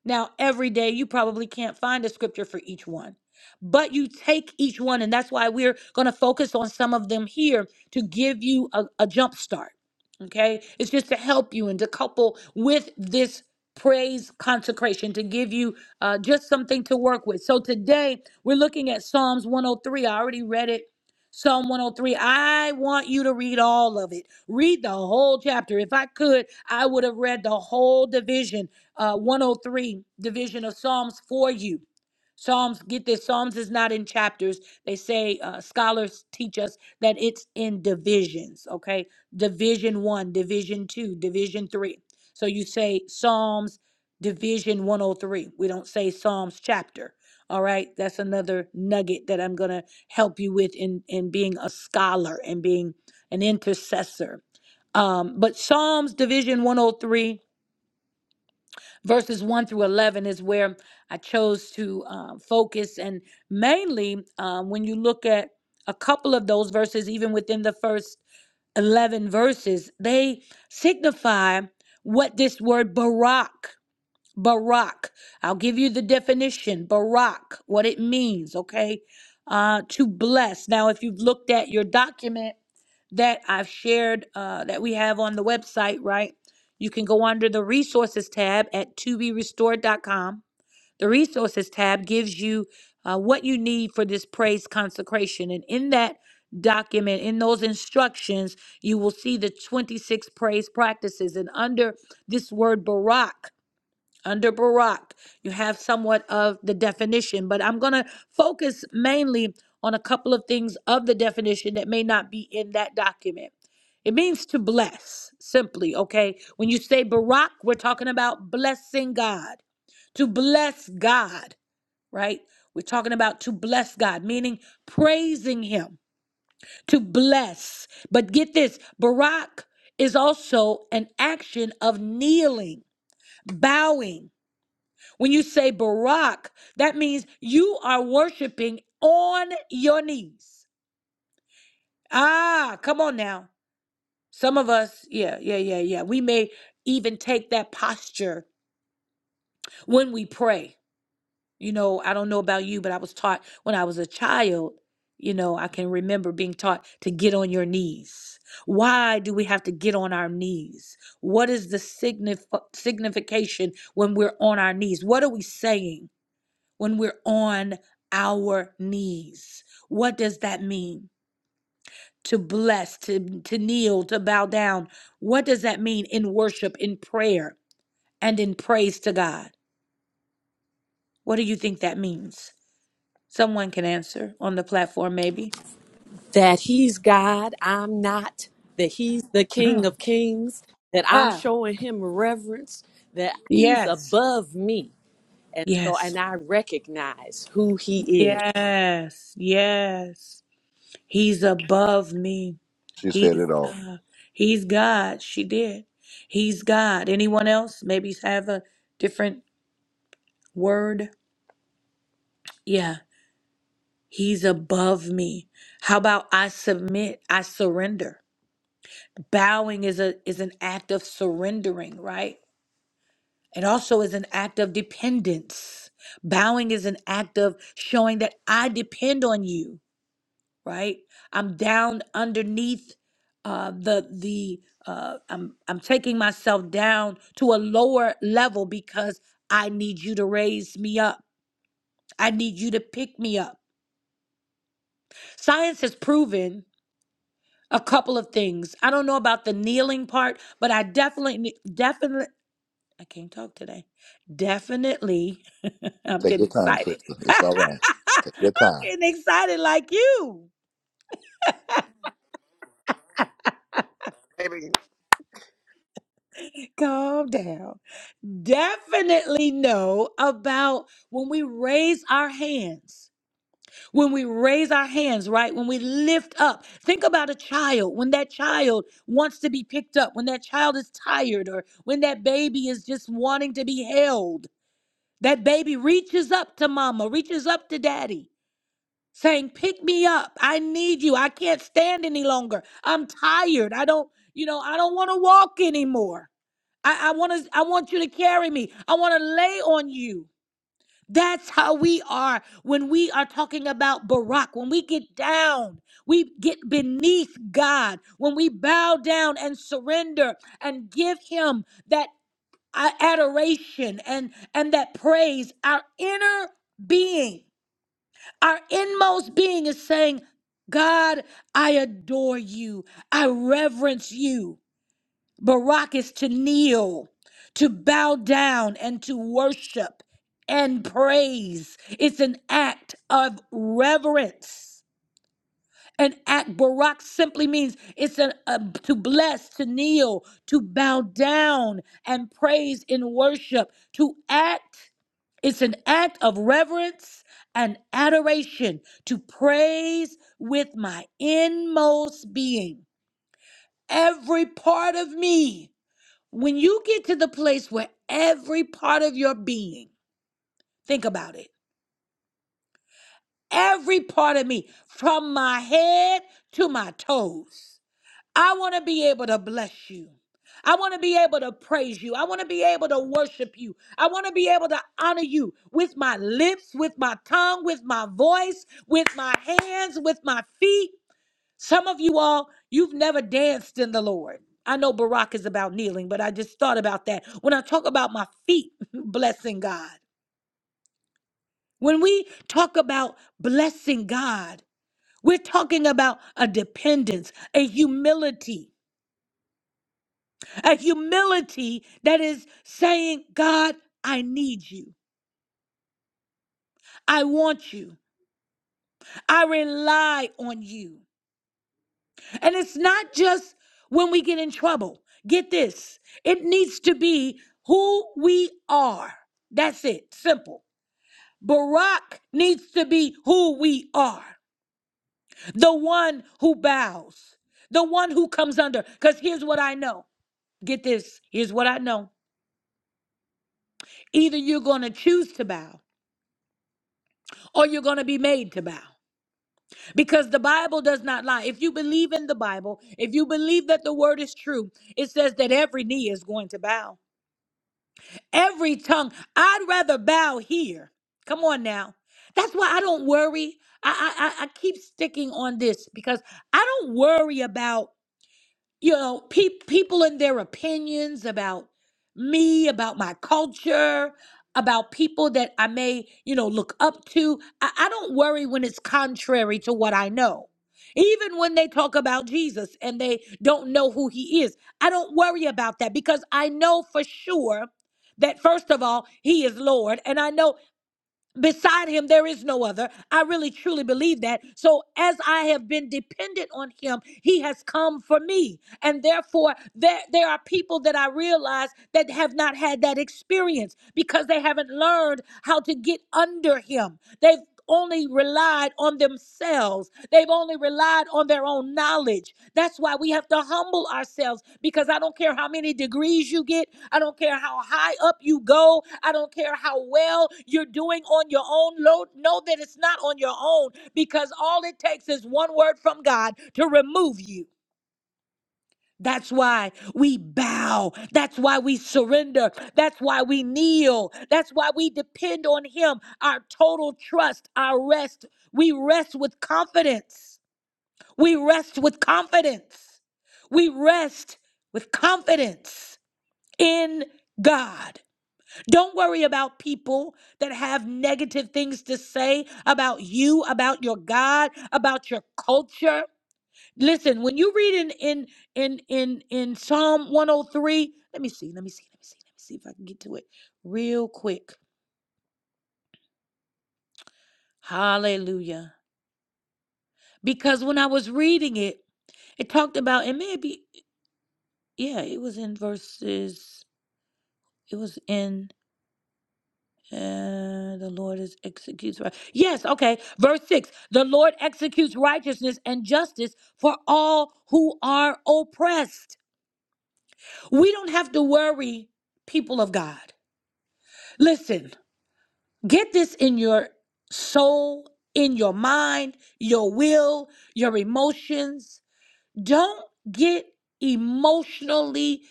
S1: Now, every day you probably can't find a scripture for each one, but you take each one, and that's why we're going to focus on some of them here to give you a, a jump start. Okay, it's just to help you and to couple with this praise consecration to give you uh, just something to work with. So today we're looking at Psalms 103. I already read it. Psalm 103. I want you to read all of it. Read the whole chapter. If I could, I would have read the whole division uh, 103 division of Psalms for you. Psalms, get this, Psalms is not in chapters. They say, uh, scholars teach us that it's in divisions, okay? Division one, division two, division three. So you say Psalms division 103. We don't say Psalms chapter, all right? That's another nugget that I'm going to help you with in, in being a scholar and being an intercessor. Um, but Psalms division 103 verses 1 through 11 is where I chose to uh, focus. And mainly, um, when you look at a couple of those verses, even within the first 11 verses, they signify what this word Barak Barak. I'll give you the definition. Barak, what it means, okay? Uh, to bless. Now, if you've looked at your document that I've shared, uh, that we have on the website, right? You can go under the resources tab at to be restored dot com. The resources tab gives you uh, what you need for this praise consecration. And in that document, in those instructions, you will see the 26 praise practices. And under this word Barak, under Barak. You have somewhat of the definition, but I'm going to focus mainly on a couple of things of the definition that may not be in that document. It means to bless, simply, okay? When you say Barak, we're talking about blessing God, to bless God, right? We're talking about to bless God, meaning praising Him, to bless. But get this Barak is also an action of kneeling, bowing when you say Barak, that means you are worshiping on your knees. Ah, come on now. Some of us, yeah, yeah, yeah, yeah. We may even take that posture when we pray. You know, I don't know about you, but I was taught when I was a child, you know, I can remember being taught to get on your knees. Why do we have to get on our knees? What is the signif- signification when we're on our knees? What are we saying? when we're on our knees. What does that mean? To bless, to, to kneel, to bow down. What does that mean in worship, in prayer, and in praise to God? What do you think that means? Someone can answer on the platform, maybe.
S3: that he's God, I'm not, that he's the King
S1: Mhm.
S3: of Kings, that I'm
S1: ah,
S3: showing him reverence, that he's
S1: yes,
S3: above me. And so,
S1: yes,
S3: and I recognize who he is.
S1: yes, yes. He's above me.
S7: She said
S1: He's
S7: it all.
S1: God. He's God. She did. He's God. Anyone else? Maybe have a different word. Yeah, he's above me. How about I submit, I surrender. Bowing is a is an act of surrendering, right? It also is an act of dependence. Bowing is an act of showing that I depend on you, right? I'm down underneath uh, the the uh, I'm I'm taking myself down to a lower level because I need you to raise me up. I need you to pick me up. Science has proven a couple of things. I don't know about the kneeling part, but I definitely, definitely, I can't talk today. Definitely, I'm
S7: Take
S1: getting
S7: your time,
S1: excited.
S7: sister. It's all right. Take
S1: I'm
S7: your time.
S1: getting excited like you. Calm down. Definitely know about when we raise our hands. When we raise our hands, right? When we lift up. Think about a child. When that child wants to be picked up, when that child is tired, or when that baby is just wanting to be held That baby reaches up to mama, reaches up to daddy, saying, Pick me up. I need you. I can't stand any longer. I'm tired. I don't, you know, I don't want to walk anymore. I, I want to, I want you to carry me. I want to lay on you. That's how we are when we are talking about Barak. When we get down, we get beneath God. When we bow down and surrender and give Him that our adoration and and that praise our inner being our inmost being is saying god i adore you i reverence you barak is to kneel to bow down and to worship and praise it's an act of reverence an act, Barak simply means it's an, a, to bless, to kneel, to bow down and praise in worship, to act. It's an act of reverence and adoration, to praise with my inmost being, every part of me. When you get to the place where every part of your being, think about it, every part of me, from my head to my toes I want to be able to bless you. I want to be able to praise you. I want to be able to worship you. I want to be able to honor you with my lips, with my tongue, with my voice, with my hands, with my feet. Some of you all, you've never danced in the Lord. I know Barak is about kneeling, but I just thought about that. When I talk about my feet blessing God, when we talk about blessing God, we're talking about a dependence, a humility. a humility that is saying, God, I need you. I want you. I rely on you. And it's not just when we get in trouble. Get this it needs to be who we are. That's it. Simple. Barack needs to be who we are the one who bows, the one who comes under. Because here's what I know. Get this. Here's what I know. Either you're going to choose to bow or you're going to be made to bow. because the Bible does not lie. If you believe in the Bible, if you believe that the word is true, it says that every knee is going to bow, every tongue. I'd rather bow here. Come on now. That's why I don't worry. I, I, I I keep sticking on this because I don't worry about you know, pe- people and their opinions about me, about my culture, about people that I may, you know, look up to. I, I don't worry when it's contrary to what I know. Even when they talk about Jesus and they don't know who he is, I don't worry about that because I know for sure that, first of all, he is Lord. And I know Beside him, there is no other. I really truly believe that. So, as I have been dependent on him, he has come for me. And therefore, there, there are people that I realize that have not had that experience because they haven't learned how to get under him. They only relied on themselves. They've only relied on their own knowledge. That's why we have to humble ourselves because I don't care how many degrees you get. I don't care how high up you go. I don't care how well you're doing on your own. Lo- Know that it's not on your own because all it takes is one word from God to remove you. That's why we bow. That's why we surrender. That's why we kneel. That's why we depend on Him, our total trust, our rest. We rest with confidence. We rest with confidence. We rest with confidence in God. Don't worry about people that have negative things to say about you, about your God, about your culture. Listen, when you read in in in in in Psalm 103, let me see, let me see, let me see, let me see if I can get to it real quick. Hallelujah. Because when I was reading it, it talked about and maybe yeah, it was in verses it was in uh, the Lord is executes right. Yes, okay. Verse 6. The Lord executes righteousness and justice for all who are oppressed. We don't have to worry, people of God. Listen, Get this in your soul, in your mind, your will, your emotions. Don't get emotionally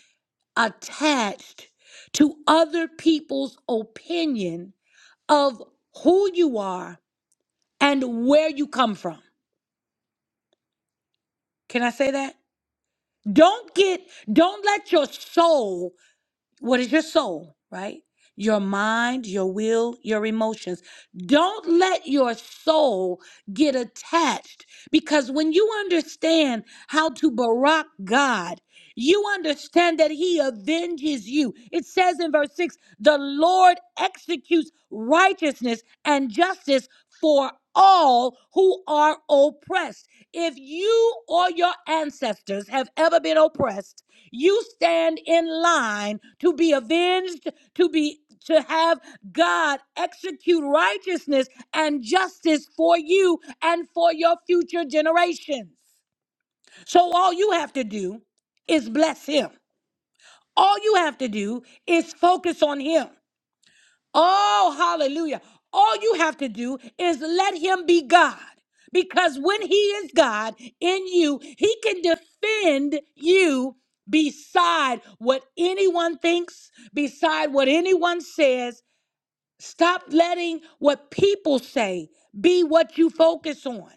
S1: attached to other people's opinion of who you are and where you come from. Can I say that? Don't get, don't let your soul what is your soul, right? Your mind, your will, your emotions. Don't let your soul get attached because when you understand how to barack God, you understand that he avenges you. It says in verse 6 the Lord executes righteousness and justice for all who are oppressed. If you or your ancestors have ever been oppressed, you stand in line to be avenged, to be to have God execute righteousness and justice for you and for your future generations. So all you have to do is bless him. All you have to do is focus on Him. Oh, hallelujah. All you have to do is let Him be God. Because when He is God in you, He can defend you beside what anyone thinks, beside what anyone says. Stop letting what people say be what you focus on.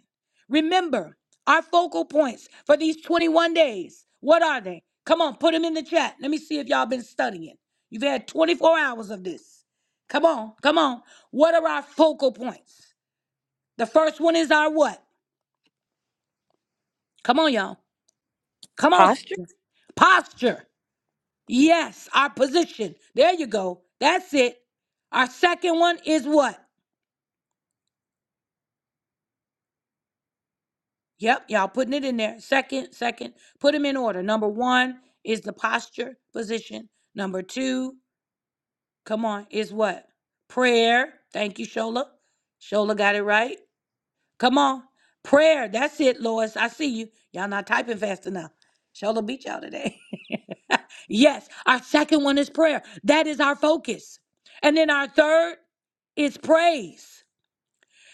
S1: Remember, our focal points for these 21 days, what are they? Come on, put them in the chat. Let me see if y'all been studying. You've had 24 hours of this. Come on, come on. What are our focal points? The first one is our what? Come on, y'all. Come on,
S3: Posture?
S1: students. Posture. Yes, our position. There you go. That's it. Our second one is what? Yep, y'all putting it in there. Second, second, put them in order. Number one is the posture position. Number two, come on, is what? Prayer. Thank you, Shola. Shola got it right. Come on. Prayer. That's it, Lois. I see you. Y'all not typing fast enough. Shola beat y'all today. yes, our second one is prayer. That is our focus. And then our third is praise.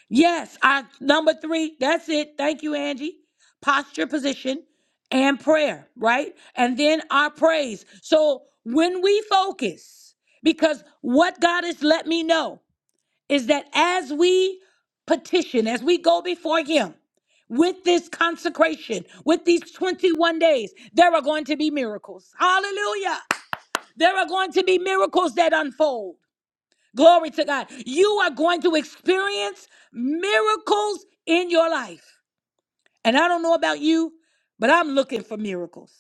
S1: Yes, I number three. That's it. Thank you, Angie. Posture, position, and prayer, right? And then our praise. So when we focus, because what God has let me know is that as we petition, as we go before Him with this consecration, with these 21 days, there are going to be miracles. Hallelujah. There are going to be miracles that unfold. Glory to God. You are going to experience miracles in your life. And I don't know about you, but I'm looking for miracles.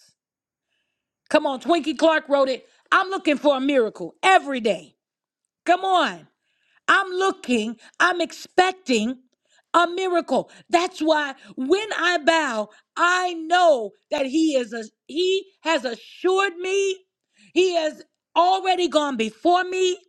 S1: Come on, Twinkie Clark wrote it. I'm looking for a miracle every day. Come on. I'm looking, I'm expecting a miracle. That's why when I bow, I know that he is a he has assured me. He has already gone before me.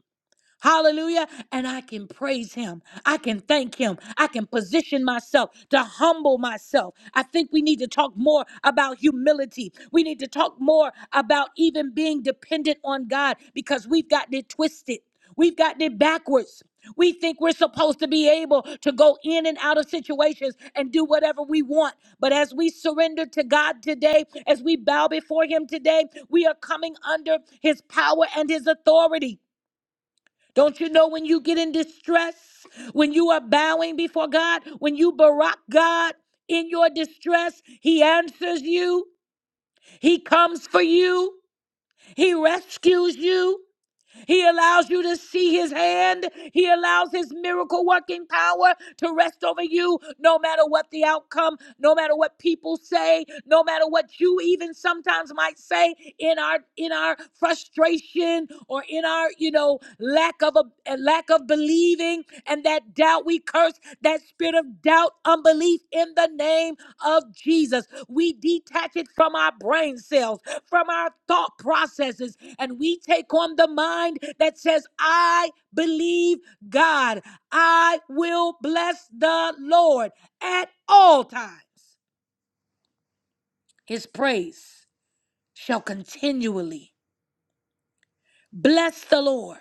S1: Hallelujah. And I can praise him. I can thank him. I can position myself to humble myself. I think we need to talk more about humility. We need to talk more about even being dependent on God because we've gotten it twisted. We've gotten it backwards. We think we're supposed to be able to go in and out of situations and do whatever we want. But as we surrender to God today, as we bow before Him today, we are coming under His power and His authority. Don't you know when you get in distress, when you are bowing before God, when you barack God in your distress, He answers you, He comes for you, He rescues you. He allows you to see his hand. He allows his miracle working power to rest over you no matter what the outcome, no matter what people say, no matter what you even sometimes might say in our in our frustration or in our, you know, lack of a, a lack of believing and that doubt we curse that spirit of doubt, unbelief in the name of Jesus. We detach it from our brain cells, from our thought processes, and we take on the mind that says, I believe God. I will bless the Lord at all times. His praise shall continually bless the Lord,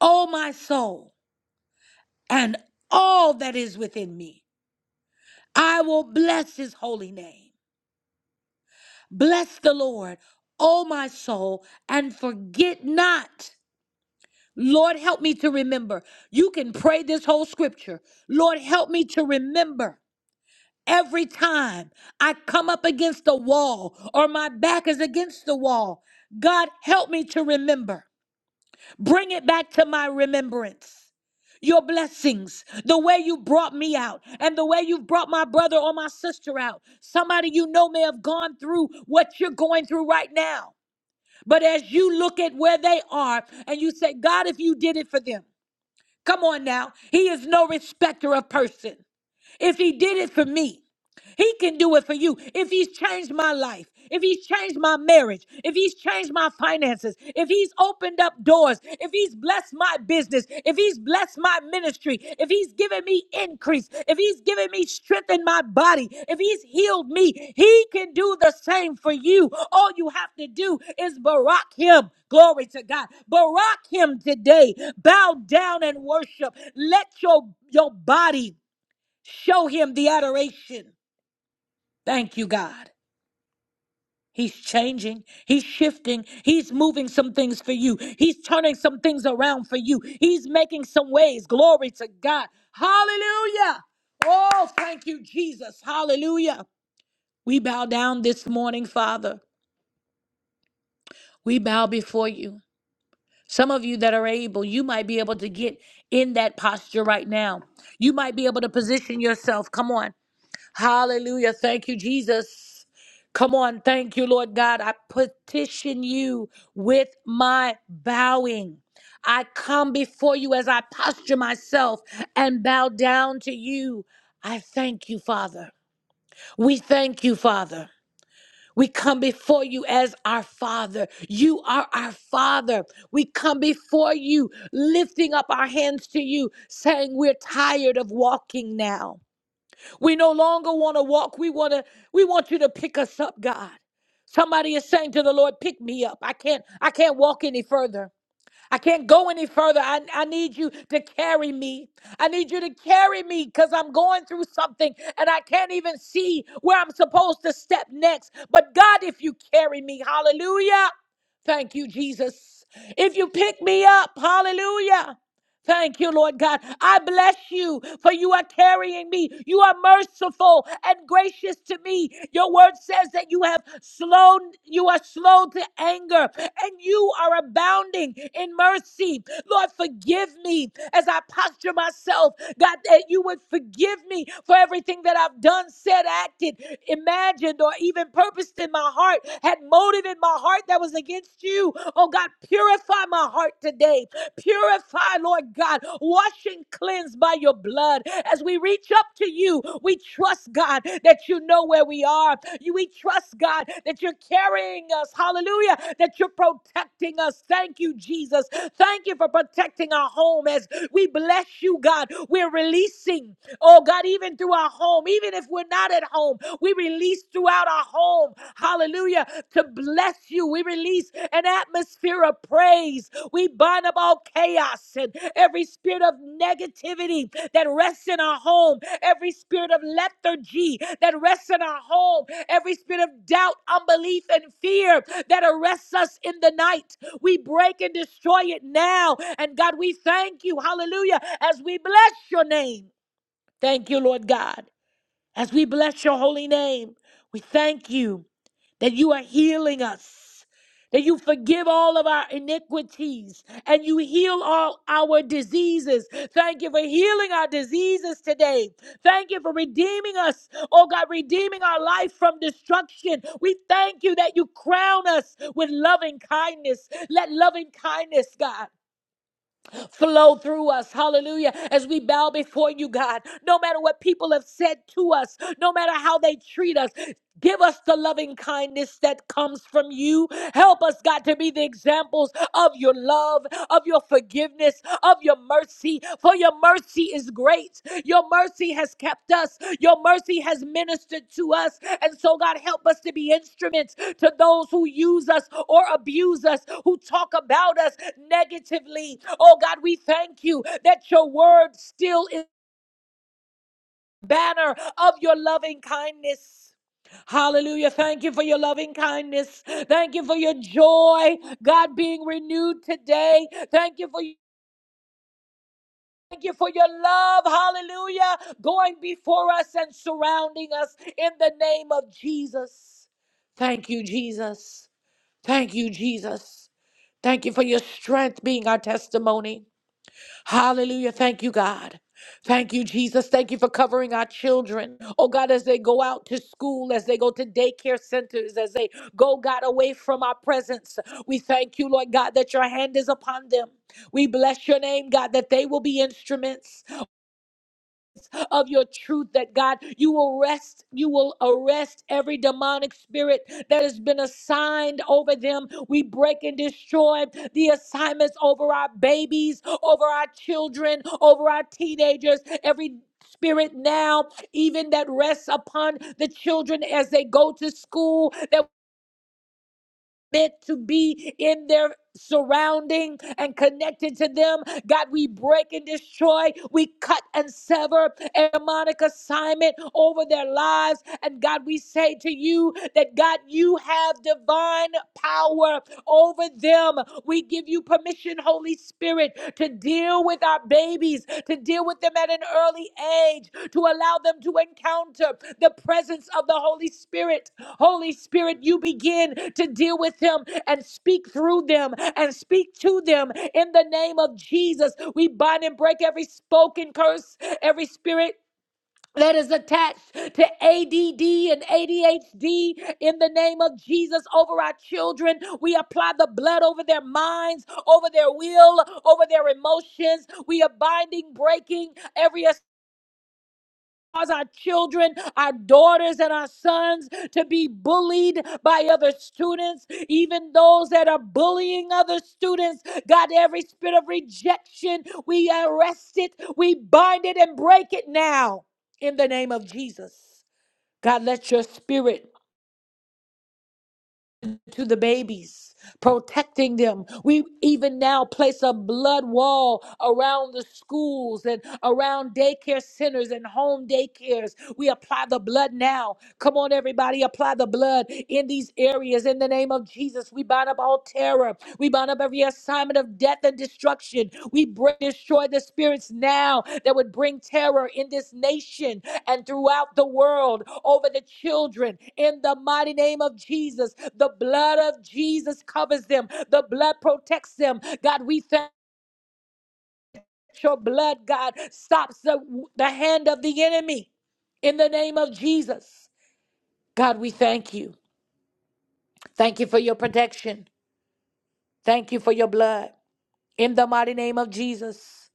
S1: O my soul, and all that is within me. I will bless his holy name. Bless the Lord, O my soul, and forget not. Lord, help me to remember. You can pray this whole scripture. Lord, help me to remember. Every time I come up against the wall or my back is against the wall, God, help me to remember. Bring it back to my remembrance your blessings, the way you brought me out, and the way you've brought my brother or my sister out. Somebody you know may have gone through what you're going through right now. But as you look at where they are and you say, God, if you did it for them, come on now. He is no respecter of person. If he did it for me, he can do it for you. If he's changed my life, if he's changed my marriage, if he's changed my finances, if he's opened up doors, if he's blessed my business, if he's blessed my ministry, if he's given me increase, if he's given me strength in my body, if he's healed me, he can do the same for you. All you have to do is barack him. Glory to God. Barack him today. Bow down and worship. Let your, your body show him the adoration. Thank you, God. He's changing. He's shifting. He's moving some things for you. He's turning some things around for you. He's making some ways. Glory to God. Hallelujah. Oh, thank you, Jesus. Hallelujah. We bow down this morning, Father. We bow before you. Some of you that are able, you might be able to get in that posture right now. You might be able to position yourself. Come on. Hallelujah. Thank you, Jesus. Come on. Thank you, Lord God. I petition you with my bowing. I come before you as I posture myself and bow down to you. I thank you, Father. We thank you, Father. We come before you as our Father. You are our Father. We come before you, lifting up our hands to you, saying, We're tired of walking now. We no longer want to walk. We want to we want you to pick us up, God. Somebody is saying to the Lord, pick me up. I can't I can't walk any further. I can't go any further. I, I need you to carry me. I need you to carry me because I'm going through something and I can't even see where I'm supposed to step next. But God, if you carry me, hallelujah. Thank you, Jesus. If you pick me up, hallelujah. Thank you, Lord God. I bless you for you are carrying me. You are merciful and gracious to me. Your word says that you have slow, you are slow to anger and you are abounding in mercy. Lord, forgive me as I posture myself. God, that you would forgive me for everything that I've done, said, acted, imagined, or even purposed in my heart, had motive in my heart that was against you against you. Oh God, purify my heart today. Purify, Lord God, wash and cleanse by your blood. As we reach up to you, we trust, God, that you know where we are. You- We trust, God, that you're carrying us. Hallelujah. That you're protecting us. Thank you, Jesus. Thank you for protecting our home as we bless you, God. We're releasing, oh God, even through our home, even if we're not at home, we release throughout our home. Hallelujah. To bless you, we release an atmosphere of praise. We bind up all chaos and every spirit of negativity that rests in our home, every spirit of lethargy that rests in our home, every spirit of doubt, unbelief, and fear that arrests us in the night. We break and destroy it now. And God, we thank you. Hallelujah. As we bless your name. Thank you, Lord God. As we bless your holy name, we thank you that you are healing us, that you forgive all of our iniquities, and you heal all our diseases. Thank you for healing our diseases today. Thank you for redeeming us, oh God, redeeming our life from destruction. We thank you that you crown us with loving kindness. Let loving kindness, God flow through us. Hallelujah. As we bow before you, God, no matter what people have said to us, no matter how they treat us, Give us the loving kindness that comes from you. Help us, God, to be the examples of your love, of your forgiveness, of your mercy. For your mercy is great. Your mercy has kept us. Your mercy has ministered to us. And so, God, help us to be instruments to those who use us or abuse us, who talk about us negatively. Oh, God, we thank you that your word still is the banner of your loving kindness. Hallelujah. Thank you for your loving kindness. Thank you for your joy, God, being renewed today. Thank you for your Thank you for your love, hallelujah, going before us and surrounding us in the name of Jesus. Thank you, Jesus. Thank you, Jesus. Thank you for your strength being our testimony. Hallelujah. Thank you, God. Thank you, Jesus. Thank you for covering our children. Oh, God, as they go out to school, as they go to daycare centers, as they go, God, away from our presence, we thank you, Lord God, that your hand is upon them. We bless your name, God, that they will be instruments of your truth that God, you will rest, you will arrest every demonic spirit that has been assigned over them. We break and destroy the assignments over our babies, over our children, over our teenagers, every spirit now even that rests upon the children as they go to school that meant to be in their surrounding and connected to them. God, we break and destroy, we cut and sever a demonic assignment over their lives. And God, we say to you that God, you have divine power over them. We give you permission, Holy Spirit, to deal with our babies, to to deal with them at an early age, to allow them to encounter the presence of the Holy Spirit. Holy Spirit, you begin to deal with them and speak through them and speak to them in the name of Jesus. We bind and break every spoken curse, every spirit that is attached to ADD and ADHD in the name of Jesus over our children. We apply the blood over their minds, over their will, over their emotions. We are binding, breaking every cause our children, our daughters, and our sons to be bullied by other students, even those that are bullying other students. God, every spirit of rejection, we arrest it, we bind it, and break it now in the name of Jesus. God, let your spirit to the babies, protecting them. We even now place a blood wall around the schools and around daycare centers and home daycares. We apply the blood now. Come on, everybody, apply the blood in these areas in the name of Jesus. We bind up all terror. We bind up every the assignment of death and destruction. We break, destroy the spirits now that would bring terror in this nation and throughout the world over the children. In the mighty name of Jesus, the blood of Jesus covers them, the blood protects them. God, we thank your blood, God, stops the, the hand of the enemy. In the name of Jesus, God, we thank you. Thank you for your protection. Thank you for your blood. In the mighty name of Jesus,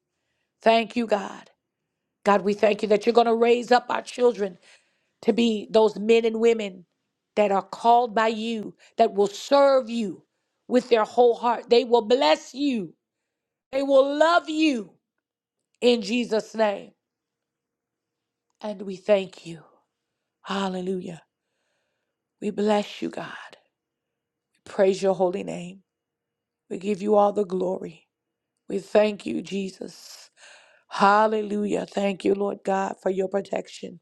S1: thank you, God. God, we thank you that you're going to raise up our children to be those men and women that are called by you, that will serve you with their whole heart. They will bless you, they will love you in Jesus' name. And we thank you. Hallelujah. We bless you, God. We praise your holy name. We give you all the glory. We thank you, Jesus. Hallelujah. Thank you, Lord God, for your protection.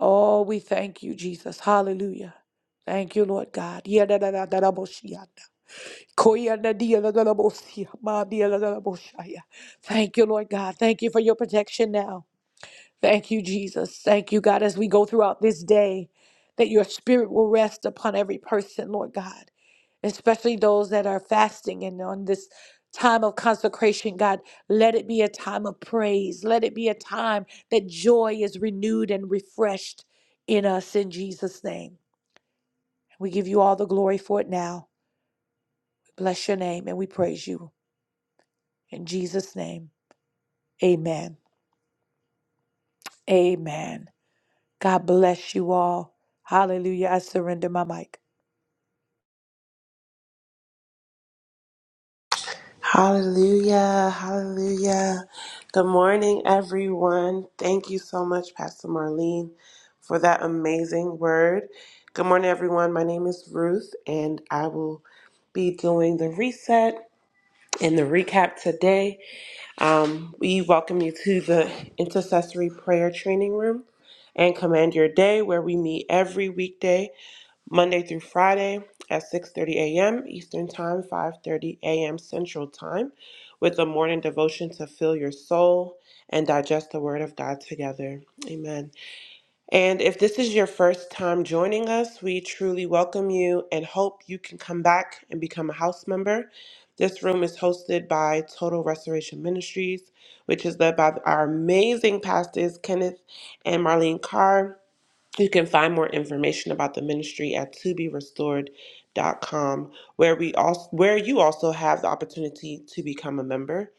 S1: Oh, we thank you, Jesus. Hallelujah. Thank you, Lord God. Yadadadadadaboshianda. Koyandadiyadadadabosia. Madiyadadadaboshaya. Thank you, Lord God. Thank you for your protection now. Thank you, Jesus. Thank you, God, as we go throughout this day, that your spirit will rest upon every person, Lord God, especially those that are fasting and on this time of consecration, God. Let it be a time of praise. Let it be a time that joy is renewed and refreshed in us in Jesus' name. We give you all the glory for it now. Bless your name and we praise you. In Jesus' name, amen. Amen. God bless you all. Hallelujah. I surrender my mic.
S8: Hallelujah, hallelujah. Good morning, everyone. Thank you so much, Pastor Marlene, for that amazing word. Good morning, everyone. My name is Ruth, and I will be doing the reset and the recap today. Um, we welcome you to the Intercessory Prayer Training Room and Command Your Day, where we meet every weekday Monday through Friday at 6:30 a.m. Eastern Time, 5:30 a.m. Central Time, with a morning devotion to fill your soul and digest the word of God together. Amen. And if this is your first time joining us, we truly welcome you and hope you can come back and become a house member. This room is hosted by Total Restoration Ministries, which is led by our amazing pastors Kenneth and Marlene Carr. You can find more information about the ministry at toberestored.com, where we also where you also have the opportunity to become a member.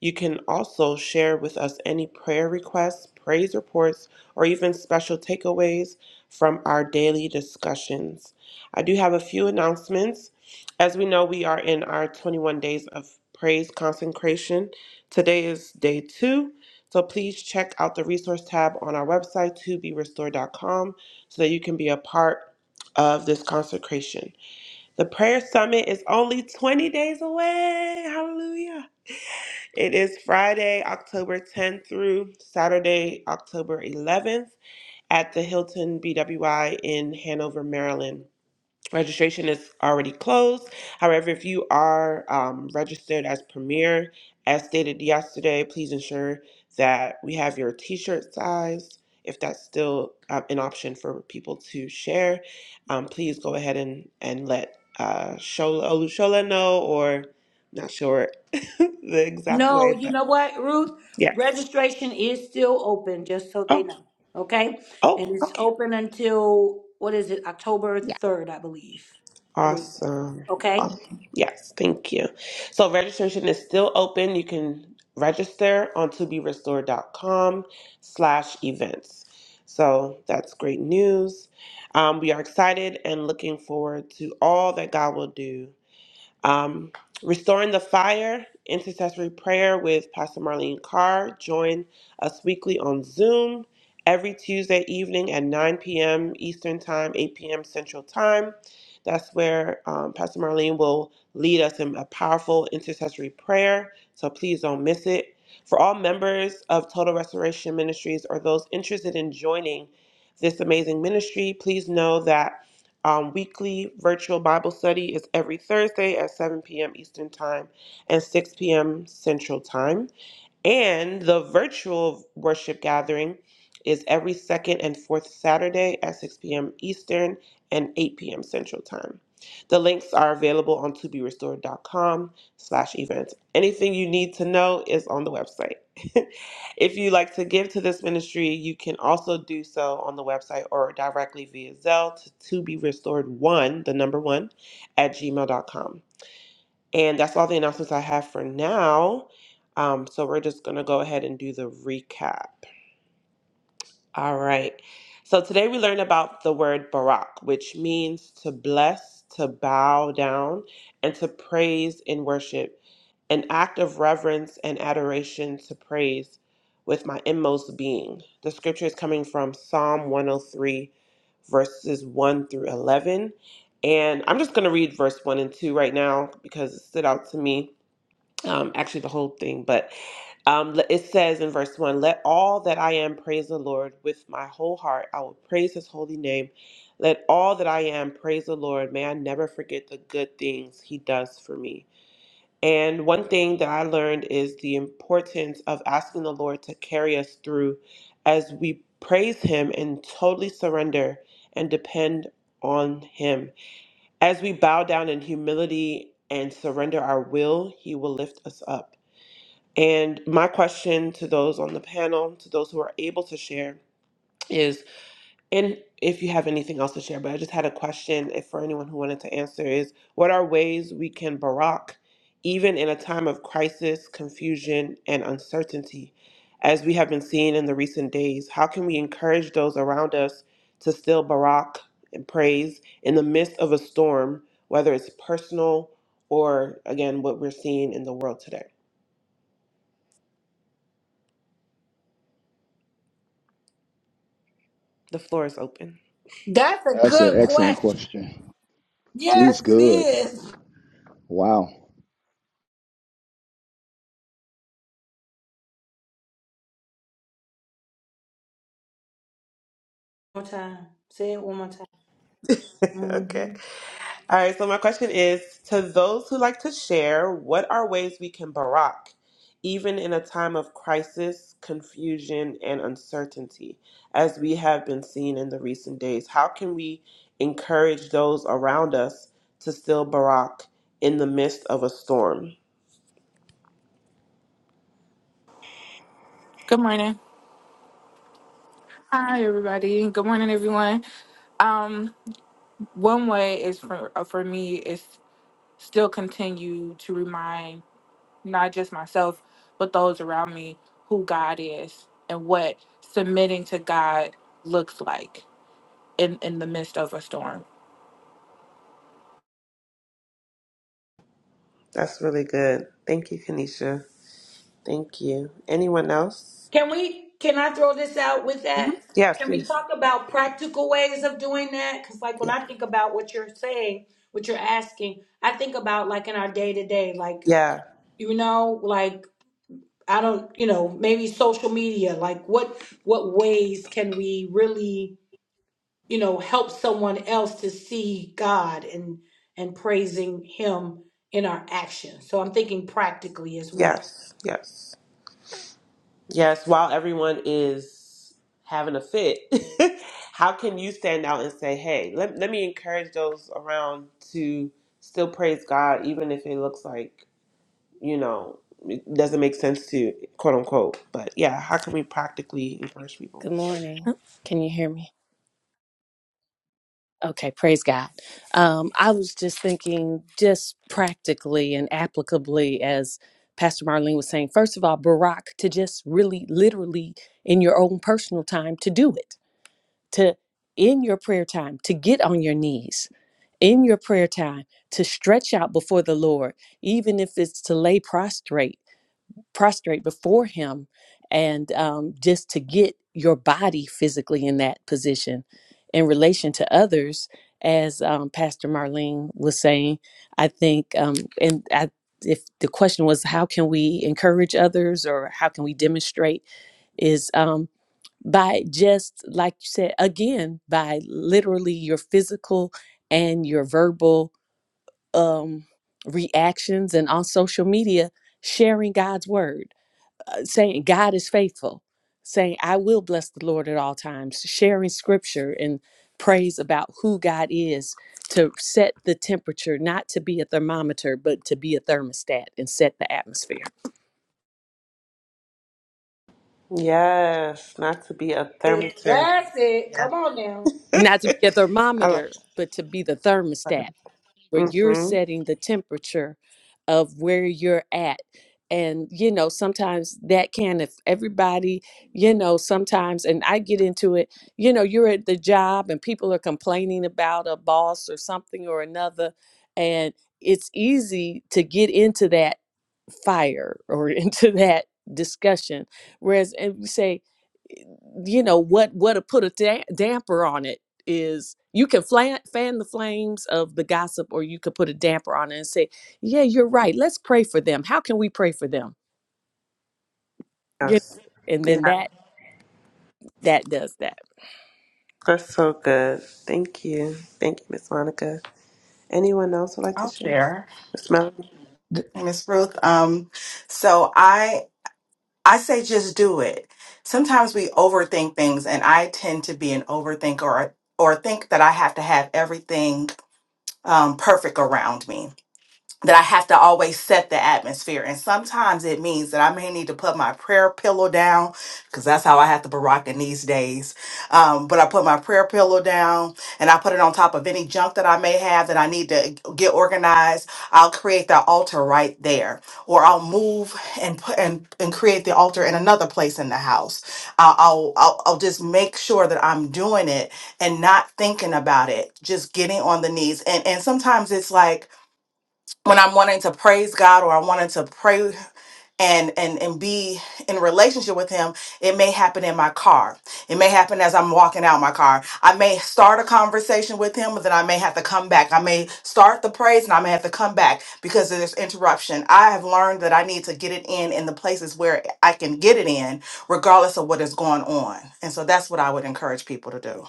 S8: You can also share with us any prayer requests, praise reports, or even special takeaways from our daily discussions. I do have a few announcements. As we know, we are in our 21 days of praise consecration. Today is day 2 so please check out the resource tab on our website, toberestored.com, so that you can be a part of this consecration. The prayer summit is only 20 days away. Hallelujah. It is Friday, October 10th through Saturday, October 11th at the Hilton BWI in Hanover, Maryland. Registration is already closed. However, if you are um, registered as Premier, as stated yesterday, please ensure that we have your t shirt size. If that's still um, an option for people to share, um, please go ahead and, and let uh, Shola, Olushola know, or not sure the exact
S1: No,
S8: way,
S1: you
S8: but
S1: know what, Ruth?
S8: yes.
S1: Registration is still open, just so they
S8: Oh,
S1: know. Okay? And
S8: oh,
S1: it's
S8: okay.
S1: open until, what is it?
S4: Yeah.
S8: Awesome. Aw- Yes, thank you. So registration is still open. You can register on toberestored.com slash events. So that's great news. Um, we are excited and looking forward to all that God will do um, Restoring the Fire, intercessory prayer with Pastor Marlene Carr. Join us weekly on Zoom every Tuesday evening at 9 p.m. Eastern Time, 8 p.m. Central Time. That's where um, Pastor Marlene will lead us in a powerful intercessory prayer. So please don't miss it. For all members of Total Restoration Ministries or those interested in joining this amazing ministry, please know that um, weekly virtual Bible study is every Thursday at 7 p.m. Eastern Time and 6 p.m. Central Time. And the virtual worship gathering is every second and fourth Saturday at 6 p.m. Eastern and 8 p.m. Central Time. The links are available on toberestored.com slash events. Anything you need to know is on the website. if you like to give to this ministry, you can also do so on the website or directly via Zelle to to be restored one, the number one, at gmail. dot com. And that's all the announcements I have for now. Um, so we're just going to go ahead and do the recap. All right. So today we learned about the word Barak, which means to bless, to bow down, and to praise in worship, an act of reverence and adoration to praise with my inmost being. The scripture is coming from Psalm 103, verses 1 through 11. And I'm just going to read verse 1 and 2 right now because it stood out to me um, actually the whole thing, but um, le- it says in verse 1 Let all that I am praise the Lord with my whole heart. I will praise his holy name. Let all that I am praise the Lord. May I never forget the good things he does for me. And one thing that I learned is the importance of asking the Lord to carry us through as we praise him and totally surrender and depend on him. As we bow down in humility and surrender our will, he will lift us up. And my question to those on the panel, to those who are able to share, is and if you have anything else to share, but I just had a question if for anyone who wanted to answer is what are ways we can barak, even in a time of crisis, confusion, and uncertainty? As we have been seeing in the recent days, how can we encourage those around us to still barak and praise in the midst of a storm, whether it's personal or again what we're seeing in the world today? The floor is open.
S7: That's an excellent question. She's good. Wow.
S8: okay. All right, so my question is to those who like to share, what are ways we can barack, even in a time of crisis, confusion, and uncertainty, as we have been seeing in the recent days? How can we encourage those around us to still barack in the midst of a storm?
S5: Good morning. Hi, everybody. Good morning, everyone. Um, one way is for uh, for me is still continue to remind not just myself, but those around me, who God is and what submitting to God looks like in, in the midst of a storm.
S8: That's really good. Thank you, Kanisha. Thank you. Anyone else?
S1: Can we, can I throw this out with
S8: Mhm.
S1: that?
S8: Yes,
S1: Can we
S8: please.
S1: talk about practical ways of doing that? Because, like, when
S8: Yeah.
S1: I think about what you're saying, what you're asking, I think about, like, in our day to day, like,
S8: Yeah.
S1: you know, like, I don't, you know, maybe social media, like, what, what ways can we really you know help someone else to see god and and praising him in our actions so i'm thinking practically as well
S8: Yes. Yes. Yes, while everyone is having a fit, how can you stand out and say, hey, let, let me encourage those around to still praise God, even if it looks like, you know, it doesn't make sense to quote unquote. But yeah, how can we practically encourage people?
S3: Good morning. Can you hear me? Okay, praise God. Um, I was just thinking, just practically and applicably, as Pastor Marlene was saying, first of all, Barack, to just really, literally, in your own personal time, to do it, to in your prayer time, to get on your knees, in your prayer time, to stretch out before the Lord, even if it's to lay prostrate prostrate before him and um, just to get your body physically in that position in relation to others as um, pastor marlene was saying i think um, and I, if the question was how can we encourage others or how can we demonstrate is um, by just like you said again by literally your physical and your verbal um, reactions and on social media sharing god's word uh, saying God is faithful, saying I will bless the Lord at all times, sharing scripture and praise about who God is to set the temperature, not to be a thermometer, but to be a thermostat and set the atmosphere.
S8: Yes, not to be a
S1: It-
S8: thermometer.
S1: that's it
S8: Yeah,
S1: come on now
S3: Not to be a
S8: I love
S3: thermometer, but to be the
S8: that.
S3: thermostat where you're
S8: Mm-hmm.
S3: setting the temperature of where you're at and you know sometimes that can if everybody you know sometimes and i get into it you know you're at the job and people are complaining about a boss or something or another and it's easy to get into that fire or into that discussion whereas and we say you know what what to put a da- damper on it is you can flan, fan the flames of the gossip or you could put a damper on it and say yeah you're right let's pray for them how can we pray for them you know
S8: Yes.
S3: and then
S8: Yeah,
S3: that that does that
S8: that's so good. Thank you. Thank you, Miss Monica. Anyone else would like to
S9: I'll
S8: share?
S9: share,
S8: Miss Melanie?
S10: Th-
S9: Miss Ruth. Um, so I I say just do it. Sometimes we overthink things, and I tend to be an overthinker or or think that I have to have everything um, perfect around me that I have to always set the atmosphere. And sometimes it means that I may need to put my prayer pillow down because that's how I have to barack in these days. Um, but I put my prayer pillow down and I put it on top of any junk that I may have that I need to get organized. I'll create that altar right there, or I'll move and put and, and create the altar in another place in the house. I'll, I'll, I'll I'll just make sure that I'm doing it and not thinking about it, just getting on the knees. And, and sometimes it's like, when I'm wanting to praise God or I wanted to pray and and and be in relationship with him it may happen in my car it may happen as i'm walking out my car i may start a conversation with him but then i may have to come back i may start the praise and i may have to come back because there's interruption i have learned that i need to get it in in the places where i can get it in regardless of what is going on and so that's what i would encourage people to do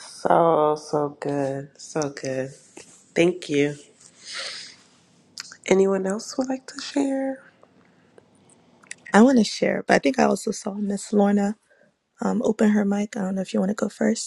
S8: So, so good. So good. Thank you. Anyone else would like to share?
S4: I want to share, but I think I also saw Miss Lorna um, open her mic. I don't know if you want to go first.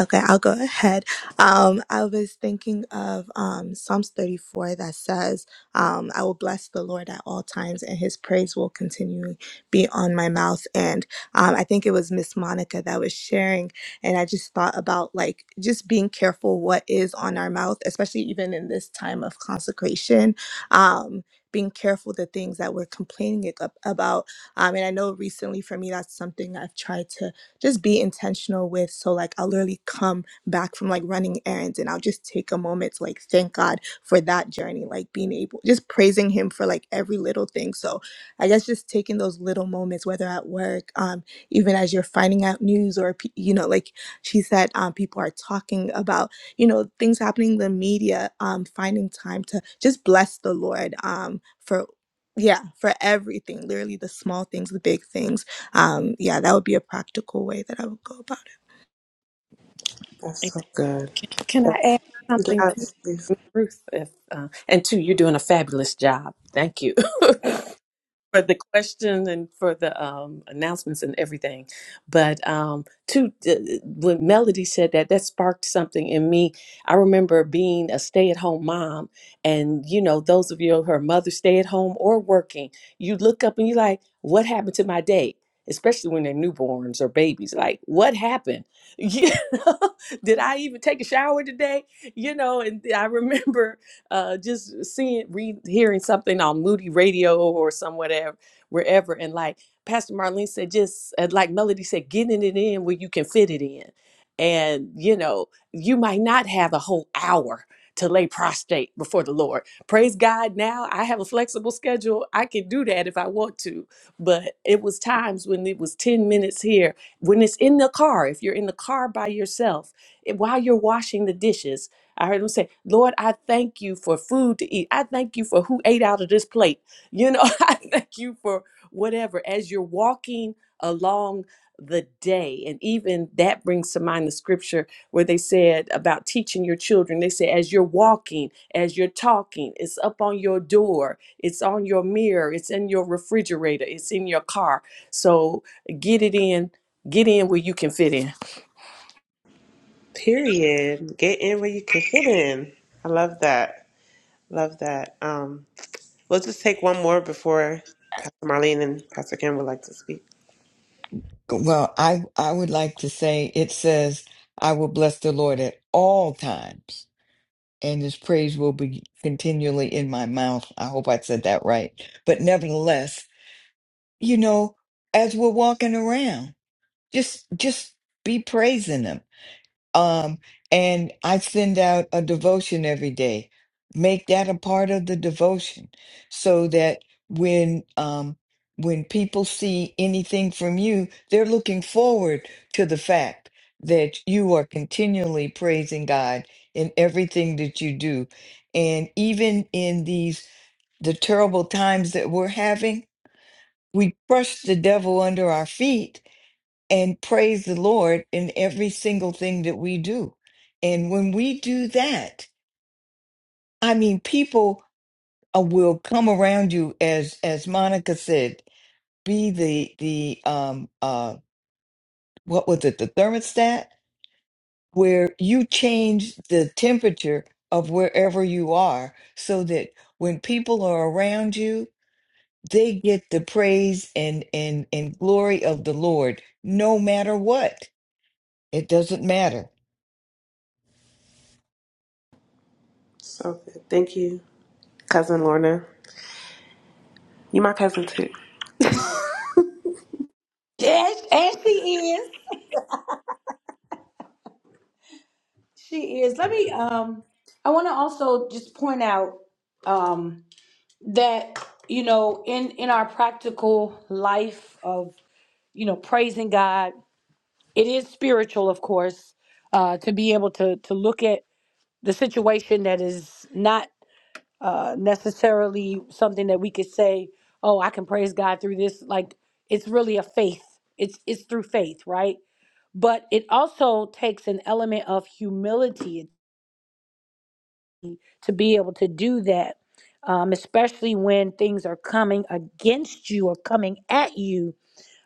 S4: Okay, I'll go ahead. Um, I was thinking of um, Psalms 34 that says, um, I will bless the Lord at all times, and his praise will continually be on my mouth. And um, I think it was Miss Monica that was sharing. And I just thought about like just being careful what is on our mouth, especially even in this time of consecration. Um, being careful the things that we're complaining ag- about. Um, and I know recently for me, that's something I've tried to just be intentional with. So, like, I'll literally come back from like running errands and I'll just take a moment to like thank God for that journey, like being able, just praising Him for like every little thing. So, I guess just taking those little moments, whether at work, um, even as you're finding out news or, pe- you know, like she said, um, people are talking about, you know, things happening in the media, um, finding time to just bless the Lord um, for yeah for everything literally the small things the big things um, yeah, that would be a practical way that I would go about it.
S8: That's so good.
S3: Can, I
S8: That's,
S3: add something to
S8: yes, please.
S3: Miss Ruth? If, uh, and two, you're doing a fabulous job. Thank you. for the question and for the um, announcements and everything. But um, to uh, when Melody said that, that sparked something in me. I remember being a stay-at-home mom, and you know, those of you who are mothers stay-at-home or working, you look up and you're like, "What happened to my day?" Especially when they're newborns or babies, like, "What happened? You know, did I even take a shower today?" You know, and I remember uh, just seeing, re hearing something on Moody Radio or some whatever, wherever, and like Pastor Marlene said, just uh, like Melody said, getting it in where you can fit it in, and you know, you might not have a whole hour to lay prostrate before the Lord. Praise God! Now I have a flexible schedule; I can do that if I want to. But it was times when it was ten minutes here. When it's in the car, if you're in the car by yourself, it- while you're washing the dishes I heard him say, Lord, I thank you for food to eat. I thank you for who ate out of this plate. You know, I thank you for whatever. As you're walking along the day, and even that brings to mind the scripture where they said about teaching your children. They say, as you're walking, as you're talking, it's up on your door, it's on your mirror, it's in your refrigerator, it's in your car. So get it in, get in where you can fit in.
S8: Period. Get in where you can fit in. I love that. Love that. Um, we'll just take one more before Pastor Marlene and Pastor Kim would like to speak.
S10: Well, I, I would like to say it says, I will bless the Lord at all times, and his praise will be continually in my mouth. I hope I said that right. But nevertheless, you know, as we're walking around, just just be praising him. Um, and I send out a devotion every day. Make that a part of the devotion so that when um when people see anything from you, they're looking forward to the fact that you are continually praising God in everything that you do. And even in these the terrible times that we're having, we crush the devil under our feet and praise the Lord in every single thing that we do. And when we do that, I mean, people uh, will come around you as as Monica said, be the the um uh what was it the thermostat where you change the temperature of wherever you are so that when people are around you they get the praise and and and glory of the lord no matter what it doesn't matter
S8: So good. Thank you, cousin Lorna. You my cousin too.
S1: Yes, and she is. She is. Let me um I want to also just point out um that you know in in our practical life of you know praising God, it is spiritual of course, uh to be able to to look at the situation that is not uh, necessarily something that we could say, "Oh, I can praise God through this." Like it's really a faith. It's it's through faith, right? But it also takes an element of humility to be able to do that, um, especially when things are coming against you or coming at you.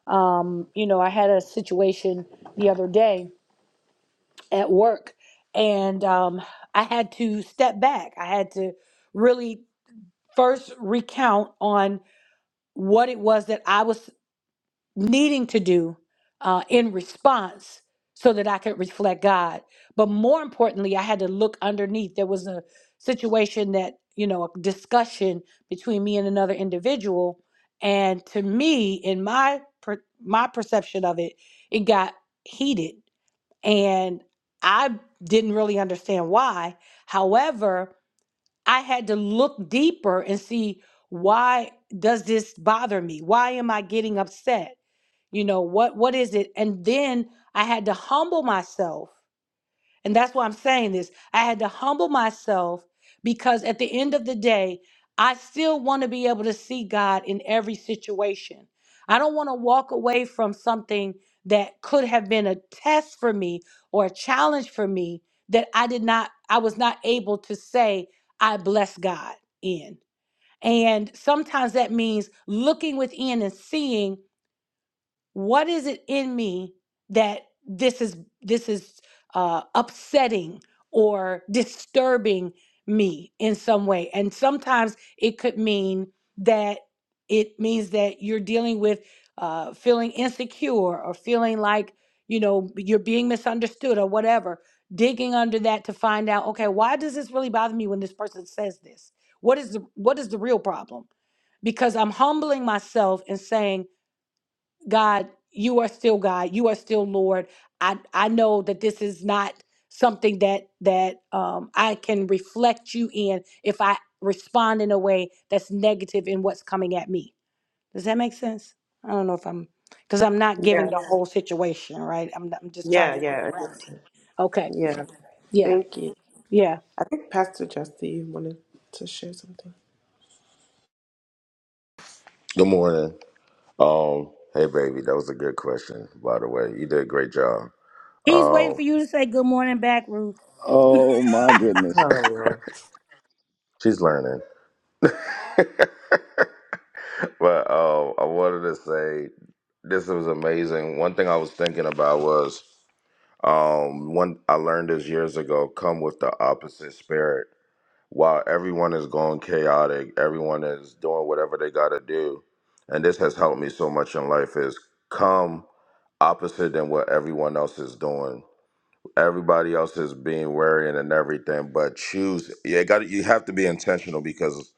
S1: Um, you know, I had a situation the other day at work, and um, I had to step back. I had to really first recount on what it was that I was needing to do uh, in response so that I could reflect God. But more importantly, I had to look underneath. There was a situation that, you know, a discussion between me and another individual. And to me, in my per- my perception of it, it got heated. And I didn't really understand why. However, I had to look deeper and see why does this bother me? Why am I getting upset? You know, what what is it? And then I had to humble myself and that's why I'm saying this. I had to humble myself because at the end of the day, I still want to be able to see God in every situation. I don't want to walk away from something that could have been a test for me or a challenge for me that I did not, I was not able to say, I bless God in. And sometimes that means looking within and seeing what is it in me that this is this is uh, upsetting or disturbing me in some way and sometimes it could mean that it means that you're dealing with uh, feeling insecure or feeling like you know you're being misunderstood or whatever digging under that to find out okay why does this really bother me when this person says this what is the what is the real problem because i'm humbling myself and saying God, you are still God. You are still Lord. I I know that this is not something that that um, I can reflect you in if I respond in a way that's negative in what's coming at me. Does that make sense? I don't know if I'm because I'm not
S8: Yeah.
S1: giving the Yeah. whole situation right. I'm I'm just trying
S8: Yeah,
S1: to talk
S8: yeah. I think
S1: around it.
S8: so.
S1: Okay.
S8: Yeah.
S1: Yeah.
S8: Thank you.
S1: Yeah.
S8: I think Pastor Justy wanted to share something.
S11: Good morning. Um, hey baby, that was a good question, by the way. You did a great job.
S1: He's waiting for
S11: Um,
S1: you to say good morning back, Ruth.
S7: Oh my goodness.
S11: she's learning. but um I wanted to say this was amazing. One thing I was thinking about was um one I learned this years ago, come with the opposite spirit. While everyone is going chaotic, everyone is doing whatever they gotta do. And this has helped me so much in life is come opposite than what everyone else is doing everybody else is being wary and everything, but choose. Yeah, got you have to be intentional because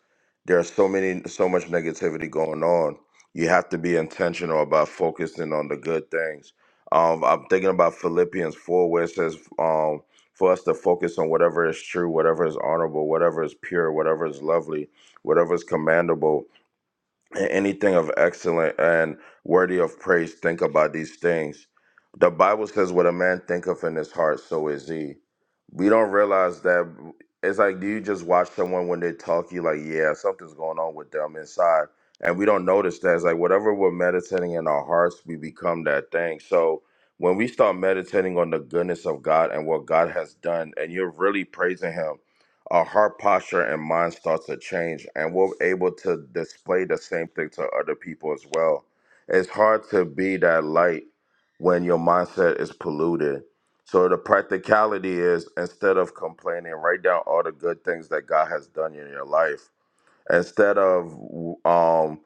S11: there's so many, so much negativity going on. You have to be intentional about focusing on the good things. Um, I'm thinking about Philippians four, where it says, um, for us to focus on whatever is true, whatever is honorable, whatever is pure, whatever is lovely, whatever is commendable anything of excellent and worthy of praise, think about these things. The Bible says, What a man thinketh in his heart, so is he we don't realize that it's like do you just watch someone when they talk you like yeah something's going on with them inside and we don't notice that it's like whatever we're meditating in our hearts we become that thing so when we start meditating on the goodness of god and what god has done and you're really praising him our heart posture and mind starts to change and we're able to display the same thing to other people as well it's hard to be that light when your mindset is polluted so the practicality is instead of complaining, write down all the good things that God has done in your life. Instead of um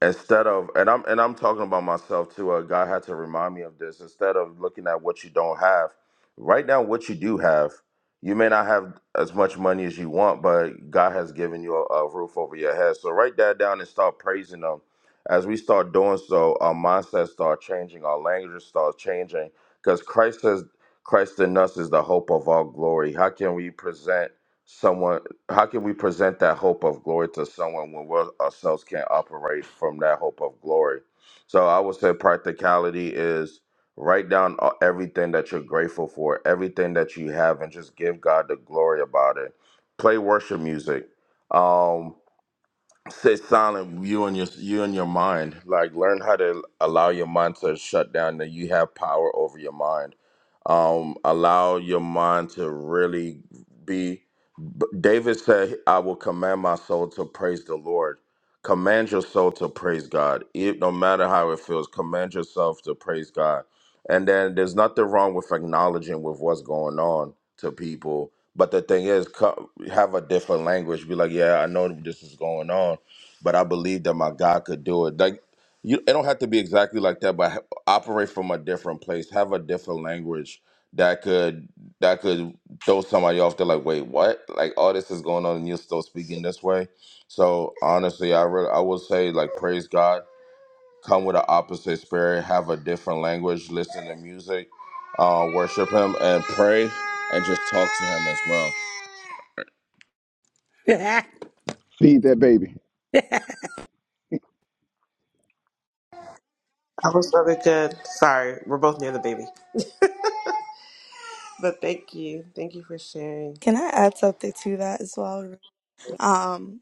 S11: instead of and i'm and i'm talking about myself too uh, god had to remind me of this instead of looking at what you don't have write down what you do have you may not have as much money as you want but god has given you a, a roof over your head so write that down and start praising him as we start doing so our mindset start changing our language starts changing because christ says christ in us is the hope of all glory how can we present someone how can we present that hope of glory to someone when we ourselves can't operate from that hope of glory? So I would say practicality is write down a- everything that you're grateful for, everything that you have, and just give God the glory about it. Play worship music. Um, stay silent you and your you and your mind like learn how to allow your mind to shut down that you have power over your mind um allow your mind to really be B- david said i will command my soul to praise the lord command your soul to praise god it, no matter how it feels command yourself to praise god and then there's nothing wrong with acknowledging with what's going on to people but the thing is co- have a different language be like yeah i know this is going on but I believe that my God could do it. Like you, it don't have to be exactly like that, but ha- operate from a different place, have a different language that could that could throw somebody off. They're like, wait, what? Like all this is going on, and you're still speaking this way. So honestly, I re- I would say like praise God. Come with an opposite spirit, have a different language, listen to music, uh, worship Him, and pray, and just talk to Him as well.
S7: Feed that baby.
S8: I was really good. Sorry, we're both near the baby. But thank you. Thank you for sharing.
S4: Can I add something to that as well? Um,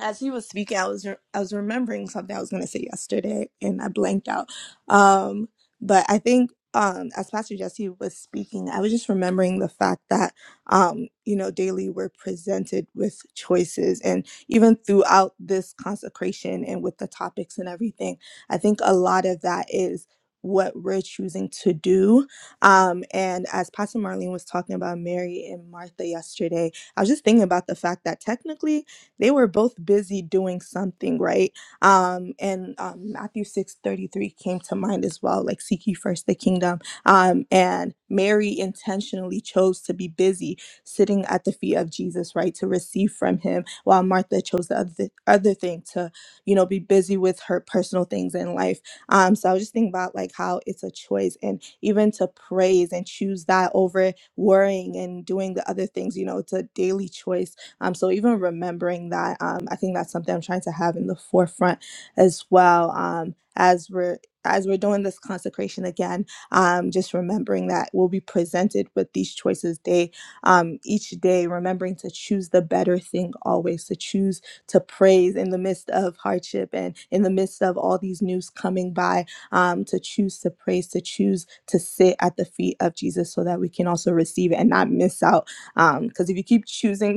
S4: as he was speaking, I was re- I was remembering something I was going to say yesterday, and I blanked out. Um, but I think um, as Pastor Jesse was speaking, I was just remembering the fact that um, you know daily we're presented with choices, and even throughout this consecration and with the topics and everything, I think a lot of that is what we're choosing to do um and as pastor marlene was talking about mary and martha yesterday i was just thinking about the fact that technically they were both busy doing something, right? Um, and um, Matthew six thirty three came to mind as well, like seek ye first the kingdom. Um, and Mary intentionally chose to be busy sitting at the feet of Jesus, right, to receive from him, while Martha chose the other, other thing to, you know, be busy with her personal things in life. Um, so I was just thinking about like how it's a choice and even to praise and choose that over worrying and doing the other things, you know, it's a daily choice um, so even remembering that, um, I think that's something I'm trying to have in the forefront as well. Um, as we're as we're doing this consecration again, um, just remembering that we'll be presented with these choices day um, each day, remembering to choose the better thing always, to choose to praise in the midst of hardship and in the midst of all these news coming by, um, to choose to praise, to choose to sit at the feet of Jesus so that we can also receive it and not miss out. Because if you keep choosing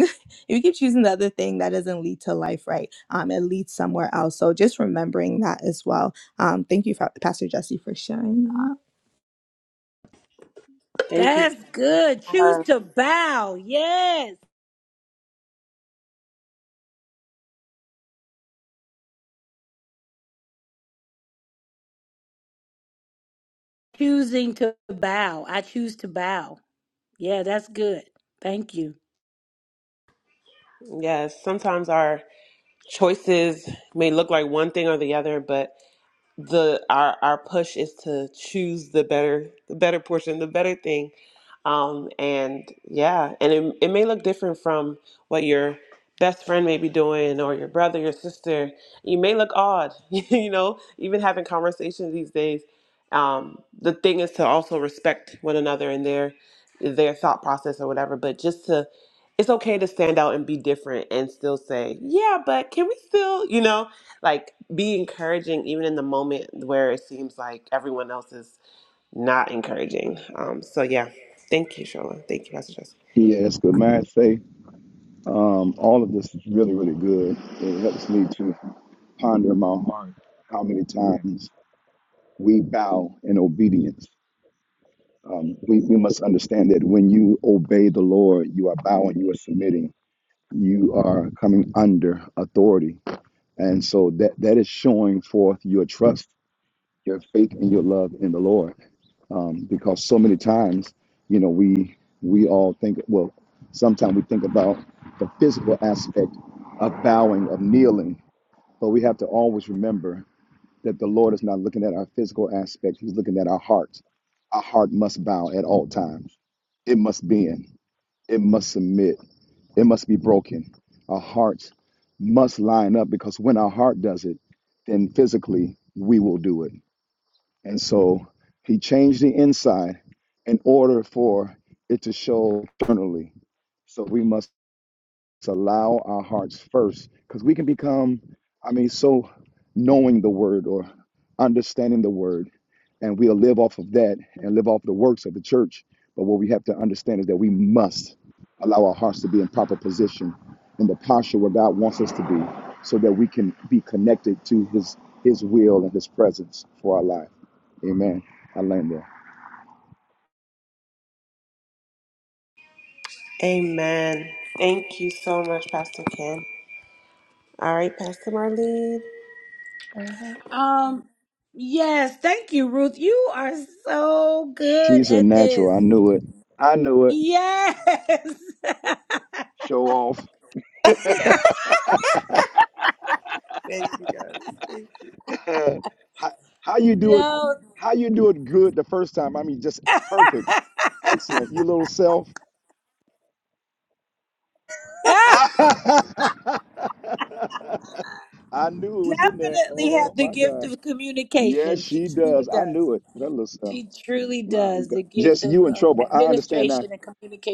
S4: if you keep choosing the other thing that doesn't lead to life right um it leads somewhere else so just remembering that as well um thank you Fa- pastor jesse for sharing that
S8: Thank you. for-
S1: Yeah, that's good. Thank you.
S8: Yes, sometimes our choices may look like one thing or the other, but the our our push is to choose the better the better portion the better thing um and yeah and it, it may look different from what your best friend may be doing or your brother your sister you may look odd you know even having conversations these days um the thing is to also respect one another and their their thought process or whatever but just to it's okay to stand out and be different and still say yeah but can we still you know like be encouraging even in the moment where it seems like everyone else is not encouraging. Um, so yeah, thank you, Shola. Thank you, Pastor Jesse.
S7: Yeah, that's good. May I say, um, all of this is really, really good. It helps me to ponder in my heart how many times we bow in obedience. Um, we, we must understand that when you obey the Lord, you are bowing, you are submitting, you are coming under authority And so that that is showing forth your trust, your faith, and your love in the Lord. Um, because so many times, you know, we we all think well, sometimes we think about the physical aspect of bowing, of kneeling, but we have to always remember that the Lord is not looking at our physical aspect, He's looking at our hearts. Our heart must bow at all times. It must bend. It must submit it must be broken. Our hearts must line up because when our heart does it, then physically we will do it. And so he changed the inside in order for it to show externally. So we must to allow our hearts first because we can become i mean so knowing the word or understanding the word and we'll live off of that and live off the works of the church but what we have to understand is that we must allow our hearts to be in proper position in the posture where god wants us to be so that we can be connected to his his will and his presence for our life amen i learned that
S8: Amen. Thank you so much, Pastor Ken. All right, Pastor Marlene.
S1: Um. Yes, thank you, Ruth. You are so good
S7: she's a
S1: at this.
S7: natural i knew it i knew it
S1: Yes.
S7: show off
S8: Thank you guys. Thank you.
S7: Uh, how, how you do it
S1: No.
S7: how you do it good the first time i mean just perfect excellent you little self
S1: Ah,
S7: i knew it was in there
S1: definitely have
S7: oh
S1: the
S7: my
S1: gift
S7: god
S1: of
S7: yes
S1: communication. She
S7: she
S1: truly
S7: does i
S1: does.
S7: knew it that little self
S1: She truly
S7: my
S1: does.
S7: god
S1: The
S7: just
S1: gift of,
S7: you in
S1: of
S7: trouble i understand now
S1: administration and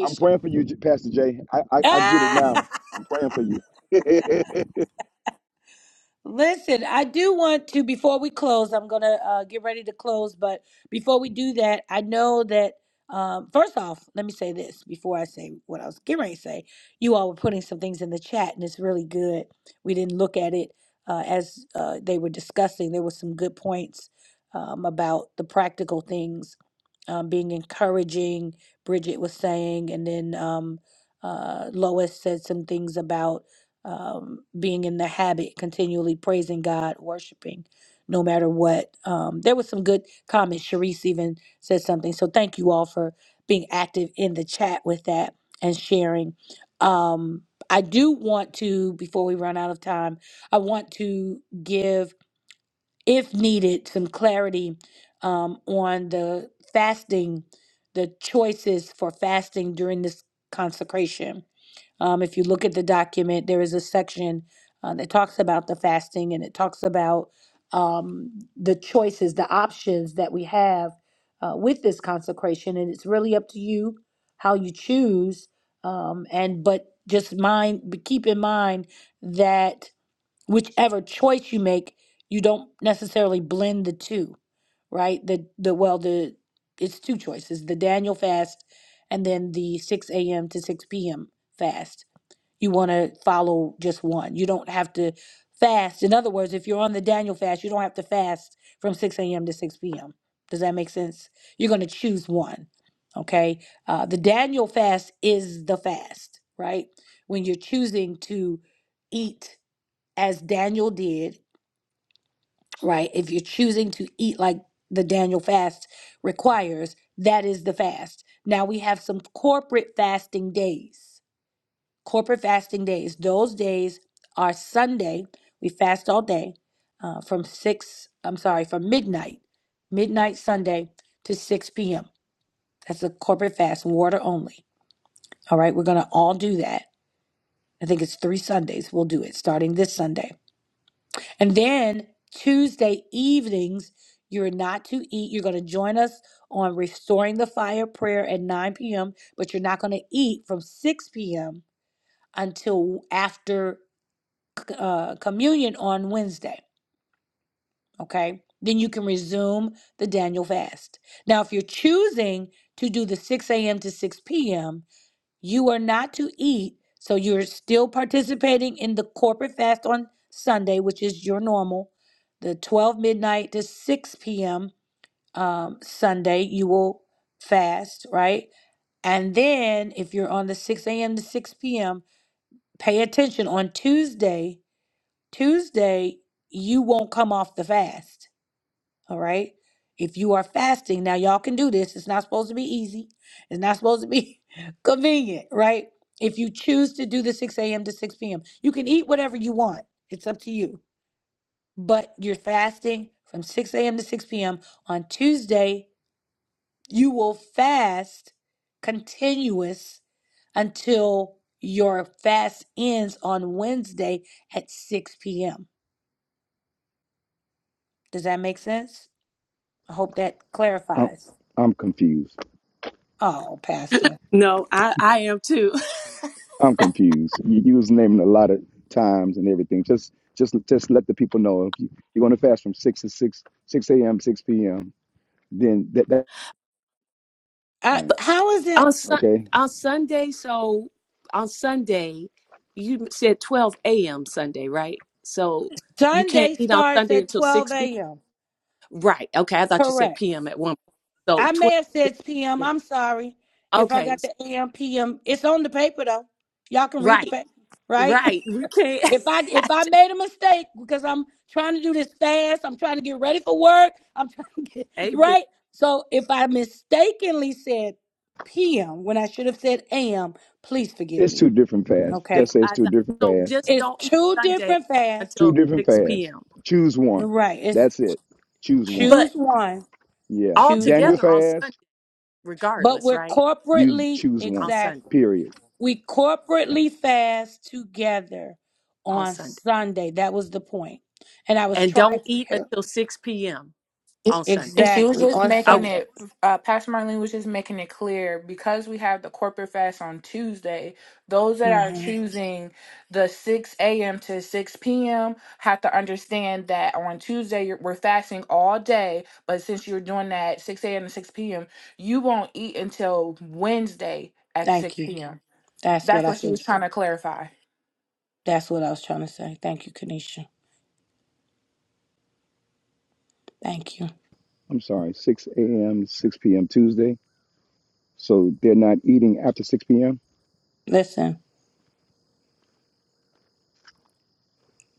S7: i'm praying for you J- pastor jay i i, I get it
S1: Ah!
S7: now i'm praying for you
S1: Listen, I do want to, before we close, I'm going to uh, get ready to close. But before we do that, I know that, um, first off, let me say this before I say what I was getting ready to say. You all were putting some things in the chat, and it's really good. We didn't look at it uh, as uh, they were discussing. There were some good points um, about the practical things um, being encouraging, Bridget was saying, and then um, uh, Lois said some things about um, being in the habit, continually praising God, worshiping, no matter what. Um, there was some good comments. Sharice even said something. So thank you all for being active in the chat with that and sharing. Um, I do want to, before we run out of time, I want to give if needed, some clarity um, on the fasting, the choices for fasting during this consecration. Um, if you look at the document, there is a section uh, that talks about the fasting and it talks about um, the choices, the options that we have uh, with this consecration. And it's really up to you how you choose. Um, and but just mind, keep in mind that whichever choice you make, you don't necessarily blend the two, right? The the well the it's two choices, the Daniel fast and then the 6 a.m. to 6 p.m. fast. You want to follow just one. You don't have to fast. In other words, if you're on the Daniel fast, you don't have to fast from 6 a.m. to 6 p.m. Does that make sense? You're going to choose one. Okay. Uh, the Daniel fast is the fast, right? When you're choosing to eat as Daniel did, right? If you're choosing to eat like the Daniel fast requires, that is the fast. Now we have some corporate fasting days. Corporate fasting days. Those days are Sunday. We fast all day uh, from 6, I'm sorry, from midnight, midnight Sunday to 6 p.m. That's a corporate fast, water only. All right, we're going to all do that. I think it's three Sundays we'll do it starting this Sunday. And then Tuesday evenings, you're not to eat. You're going to join us on Restoring the Fire prayer at 9 p.m., but you're not going to eat from 6 p.m. until after uh, communion on Wednesday. Okay. Then you can resume the Daniel fast. Now, if you're choosing to do the 6 a.m. to 6 p.m., you are not to eat, so you're still participating in the corporate fast on Sunday, which is your normal, the 12 midnight to 6 p.m. Um, Sunday, you will fast, right? And then if you're on the 6 a.m. to 6 p.m., pay attention on Tuesday. Tuesday, you won't come off the fast all right. If you are fasting, now y'all can do this. It's not supposed to be easy. It's not supposed to be convenient, right? If you choose to do the 6 a.m. to 6 p.m., you can eat whatever you want. It's up to you. But you're fasting from 6 a.m. to 6 p.m. on Tuesday. You will fast continuous until your fast ends on Wednesday at 6 p.m. Does that make sense? I hope that
S7: I'm,
S1: clarifies.
S7: I'm confused
S1: Oh, Pastor.
S3: No, I, I am too.
S7: I'm confused. You, you was naming a lot of times and everything. Just just just let the people know if you, you're going to fast from six to six six a.m. six p.m. Then that that
S1: I,
S7: um,
S1: how is it
S3: on sun
S7: okay.
S3: on Sunday, so on Sunday, you said twelve a.m. Sunday, right? So you can't
S1: Sunday
S3: eat on
S1: starts
S3: Sunday
S1: at
S3: until
S1: 12
S3: six p.
S1: a.m.?
S3: Right? Okay, I thought you said
S1: Correct.
S3: p.m. at one. point. So
S1: I may
S3: twelve.
S1: have said p.m. I'm sorry if I
S3: Okay,
S1: got the a.m. p.m. It's on the paper though. Y'all can read the
S3: right,
S1: paper, right?
S3: right. We can't.
S1: if I if I made a mistake because I'm trying to do this fast, I'm trying to get ready for work. I'm trying to get
S3: hey, bitch,
S1: right. So if I mistakenly said p.m. when I should have said a.m., please forgive
S7: It's two
S1: me.
S7: different fasts.
S3: that's
S1: Okay,
S7: Just say
S3: what
S7: it's
S3: I
S7: two
S3: thought.
S7: different
S3: So
S7: fasts.
S3: just
S1: it's
S3: don't eat
S1: two
S3: Sunday
S1: different fasts.
S7: Two
S3: until
S7: different
S3: six
S7: fasts.
S3: p.m.
S7: Choose one.
S1: Right. It's
S7: That's it. Choose one.
S3: But
S1: choose one.
S7: Yeah.
S3: all
S1: Choose
S7: Daniel
S1: one.
S3: together on Sunday,
S7: fast.
S1: But
S3: regardless,
S1: we're
S3: right?
S7: You
S1: corporately,
S7: choose
S3: On
S7: one.
S3: Sunday,
S1: exactly.
S7: Period.
S1: We
S7: Yeah.
S1: corporately fast together
S3: on
S1: on
S3: Sunday,
S1: Sunday. That was the point. And I was
S3: and
S1: trying
S3: don't
S1: to
S3: eat
S1: help.
S3: until six p.m.
S5: If
S3: on Sunday.
S5: if she was
S1: Exactly.
S5: just
S1: On
S5: making
S3: Okay.
S1: Sunday.
S5: it, uh, Pastor Marlene was just making it clear because we have the corporate fast on Tuesday, those that are Mhm.
S1: hmm
S5: choosing the 6 a.m. to 6 p.m. have to understand that on Tuesday you're, we're fasting all day, but since you're doing that 6 a.m. to 6 p.m., you won't eat until Wednesday at 6
S1: Thank you.
S5: p.m.
S1: That's what
S5: That's
S1: I
S5: what she
S1: said.
S5: was trying to clarify.
S1: That's what I was trying to say. Thank you, Kanisha. Thank you.
S7: I'm sorry. Six a.m. six p.m. Tuesday. So they're not eating after six p.m.
S1: Listen,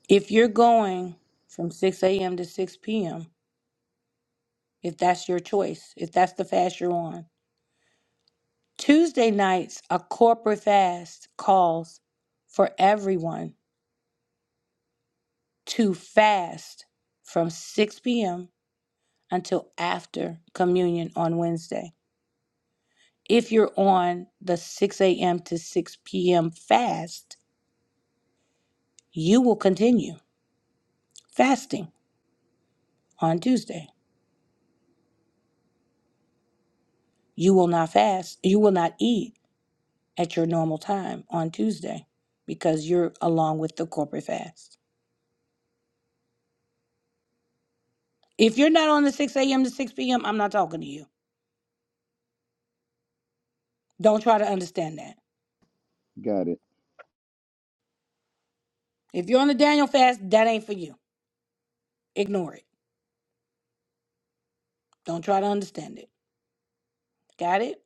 S1: if you're going from 6 a.m. to 6 p.m., if that's your choice, if that's the fast you're on, Tuesday nights, a corporate fast calls for everyone to fast from 6 p.m. until after communion on Wednesday. If you're on the 6 a.m. to 6 p.m. fast, you will continue fasting on Tuesday. You will not fast, you will not eat at your normal time on Tuesday because you're along with the corporate fast. If you're not on the 6 a.m. to 6 p.m., I'm not talking to you. Don't try to understand that.
S7: Got it.
S1: If you're on the Daniel fast, that ain't for you. Ignore it. Don't try to understand it. Got it?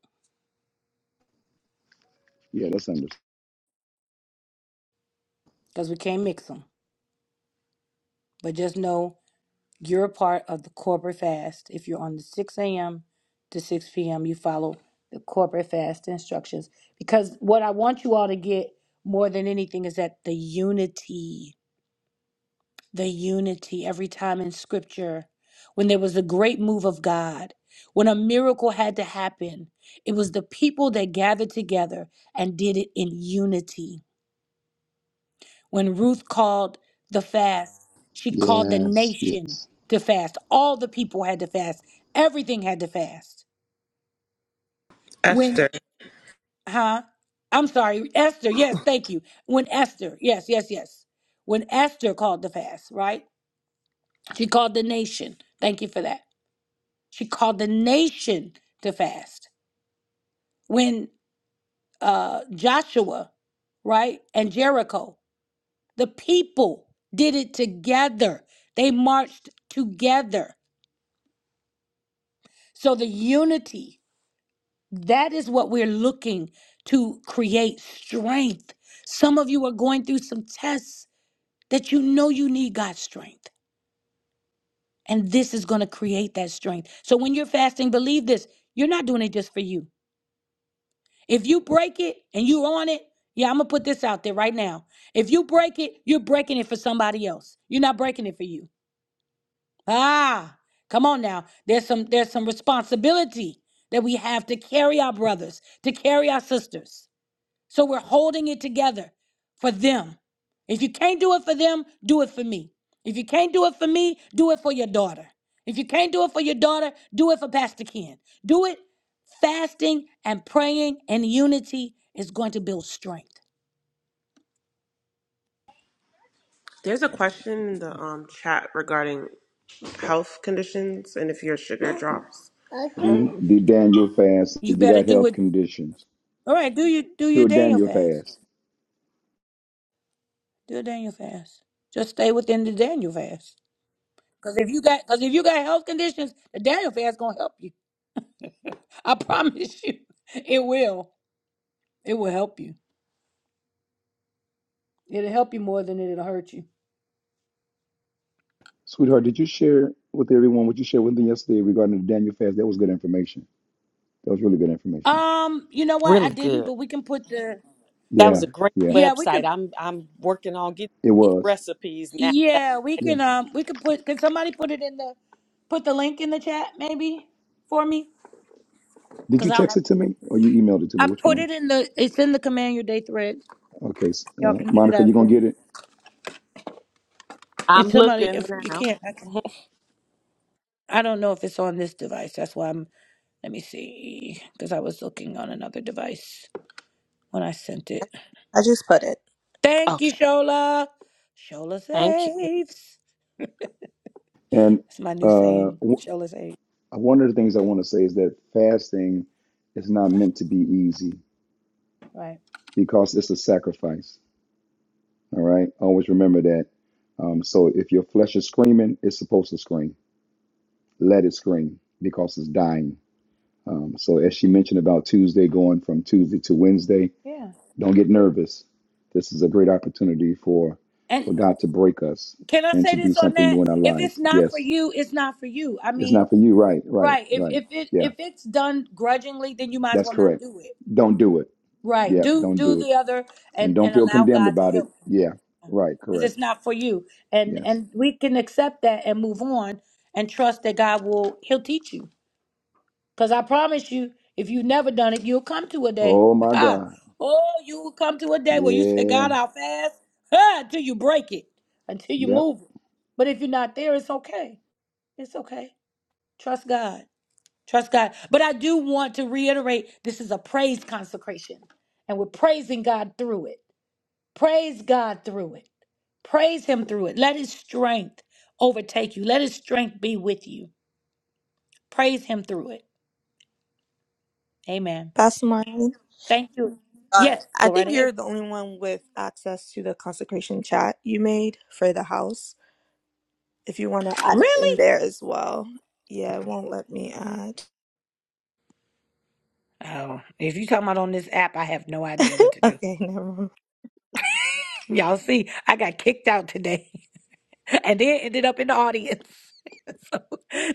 S7: Yeah, that's understandable.
S1: Because we can't mix them. But just know you're a part of the corporate fast. If you're on the 6 a.m. to 6 p.m., you follow the corporate fast instructions. Because what I want you all to get more than anything is that the unity. the unity every time in scripture when there was a great move of God, when a miracle had to happen. It was the people that gathered together and did it in unity. When Ruth called the fast, she called the
S7: Yes, yes,
S1: nation to fast. All the people had to fast, everything had to fast. When,
S8: Esther,
S1: huh? I'm sorry, Esther, yes, thank you. When Esther, yes, yes, yes. When Esther called the fast, right? She called the nation. Thank you for that. She called the nation to fast. When uh, Joshua, right, and Jericho, the people did it together, they marched together. So the unity, that is what we're looking to create strength. Some of you are going through some tests that you know you need God's strength. And this is going to create that strength. So when you're fasting, believe this you're not doing it just for you. If you break it and you on it, yeah, I'm gonna put this out there right now. If you break it, you're breaking it for somebody else. You're not breaking it for you. Ah, come on now. There's some there's some responsibility that we have to carry our brothers, to carry our sisters. So we're holding it together for them. If you can't do it for them, do it for me. If you can't do it for me, do it for your daughter. If you can't do it for your daughter, do it for Pastor Ken. Do it. Fasting and praying and unity is going to build strength.
S8: there's a question in the um, chat regarding health conditions and if your sugar drops.
S7: Do the Daniel fast
S1: You
S7: if you
S1: better
S7: got
S1: do
S7: health
S1: it.
S7: conditions.
S1: All right, do you do
S7: Do
S1: your
S7: a
S1: Daniel
S7: Daniel
S1: fast?
S7: fast.
S1: Do a Daniel fast. Just stay within the Daniel fast. Cause if you got, cause if you got health conditions, the Daniel fast gonna help you. I promise you, it will. It will help you. It'll help you more than it'll hurt you.
S7: Sweetheart, did you share with everyone what you shared with them yesterday regarding the Daniel fast? That was good information. That was really good information.
S1: Um, you know what? I
S3: Really
S1: didn't,
S3: good.
S1: but we can put the
S3: That
S7: Yeah,
S3: was a great
S7: yeah,
S1: yeah, we
S3: website.
S1: could
S3: I'm I'm working on getting
S7: it was.
S3: recipes now.
S1: yeah, we
S7: Yeah.
S1: can um we can put can somebody put it in the put the link in the chat maybe for me?
S7: Did
S1: Because
S7: you
S1: I
S7: text it to me or you emailed it to me?
S1: I
S7: Which
S1: put
S7: one?
S1: it in the it's in the command your day thread.
S7: Okay, s-
S1: Y'all
S7: uh,
S1: can get it
S7: Monica,
S1: out
S7: you
S1: of
S7: going to
S1: there.
S7: get it?
S3: I'm
S1: If somebody
S3: looking
S1: if you
S3: now.
S1: can't I can I don't know if it's on this device. That's why I'm let me see. Because I was looking on another device when I sent it.
S4: I just put it.
S1: Thank you,
S3: Okay.
S1: Shola. Shola
S3: Thank you.
S1: saves.
S7: And
S1: It's my new
S7: uh,
S1: saying.
S7: w-
S1: Shola's saying.
S7: one of the things I want to say is that fasting is not meant to be easy
S1: Right.
S7: because it's a sacrifice. All right. Always remember that. Um, so if your flesh is screaming, it's supposed to scream. Let it scream because it's dying. Um, so as she mentioned about Tuesday going from Tuesday to Wednesday,
S1: Yeah.
S7: don't get nervous. This is a great opportunity for
S1: And
S7: for God to break us
S1: can I
S7: and
S1: say
S7: to do
S1: this on
S7: something
S1: that?
S7: new in our
S1: If it's
S7: lives.
S1: not for
S7: Yes,
S1: you, it's not for you. I
S7: it's not
S1: mean,
S7: for you. Right, right,
S1: right. If
S7: right.
S1: if it
S7: Yeah,
S1: if it's done grudgingly, then you might as
S7: that's
S1: well not
S7: correct.
S1: do it.
S7: Don't do it.
S1: Right.
S7: Yeah,
S1: Do
S7: don't
S1: do
S7: do it.
S1: the other
S7: And
S1: and
S7: don't
S1: and
S7: feel
S1: allow
S7: condemned
S1: God to
S7: about it.
S1: help you.
S7: Yeah, right,
S1: Because
S7: correct.
S1: it's not for you. And
S7: Yes.
S1: and we can accept that and move on and trust that God will he'll teach you. Because I promise you, if you've never done it, you'll come to a day.
S7: Oh my
S1: Ha!
S7: God.
S1: Oh, you will come to a day where you say,
S7: Yeah.
S1: God, I'll fast ha, until you break it, until you
S7: Yep.
S1: move it. But if you're not there, it's okay. It's okay. Trust God. Trust God. But I do want to reiterate this is a praise consecration, and we're praising God through it. Praise God through it. Praise Him through it. Let His strength overtake you. Let His strength be with you. Praise Him through it. Amen.
S4: Pastor Marley.
S1: Thank you.
S4: Uh,
S1: Yes,
S4: I
S1: go right
S4: think you're
S1: ahead.
S4: the only one with access to the consecration chat you made for the house. If you want to add it in
S1: Really?
S4: there as well. Yeah, it won't let me add.
S1: Oh, if you talking about on this app, I have no idea what to do.
S4: Okay, never mind.
S1: Y'all see, I got kicked out today and then ended up in the audience. so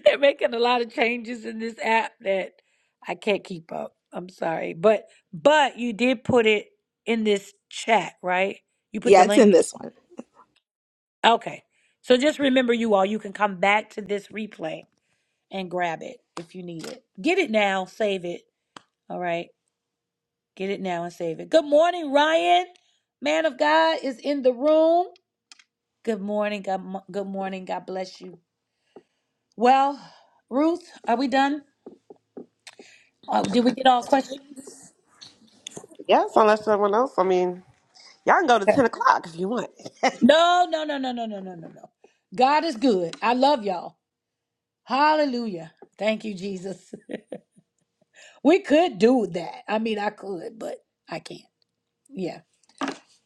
S1: they're making a lot of changes in this app that I can't keep up. I'm sorry. But but you did put it in this chat, right? You put the
S4: Yeah, it's in
S1: link?
S4: this one.
S1: Okay. So just remember you all, you can come back to this replay and grab it if you need it. Get it now, save it. All right. Get it now and save it. Good morning, Ryan. Man of God is in the room. Good morning. God, good morning. God bless you. Well, Ruth, are we done? Uh, did we get all questions?
S8: Yes, unless someone else. I mean, y'all can go to
S1: Okay.
S8: ten o'clock if you want.
S1: No, no, no, no, no, no, no, no, no. God is good. I love y'all. Hallelujah. Thank you, Jesus. We could do that. I mean, I could, but I can't. Yeah.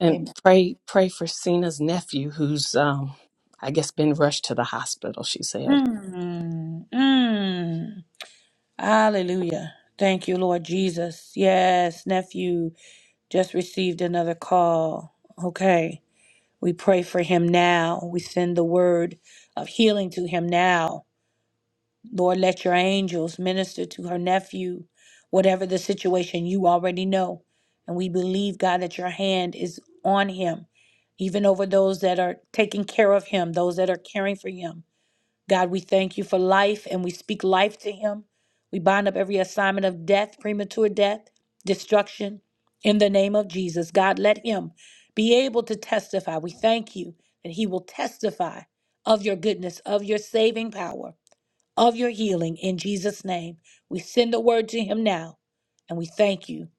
S3: And
S1: Amen.
S3: pray pray for Cena's nephew who's um I guess been rushed to the hospital, she said.
S1: Mm, mm. Hallelujah. Thank you, Lord Jesus. Yes, nephew. Just received another call. Okay. We pray for him now. We send the word of healing to him now. Lord, let your angels minister to her nephew, whatever the situation you already know. And we believe, God, that your hand is on him, even over those that are taking care of him, those that are caring for him. God, we thank you for life and we speak life to him. We bind up every assignment of death, premature death, destruction in the name of Jesus. God, let him be able to testify. We thank you that he will testify of your goodness, of your saving power, of your healing in Jesus' name. We send the word to him now and we thank you.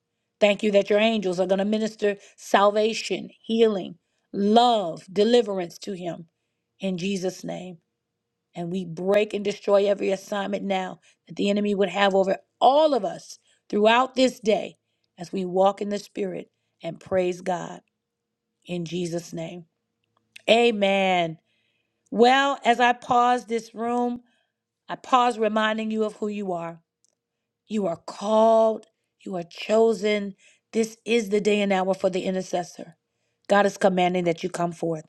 S1: Thank you that your angels are going to minister salvation, healing, love, deliverance to him in Jesus' name. And we break and destroy every assignment now that the enemy would have over all of us throughout this day as we walk in the Spirit and praise God in Jesus' name. Amen. Well, as I pause this room, I pause reminding you of who you are. You are called, you are chosen. This is the day and hour for the intercessor. God is commanding that you come forth.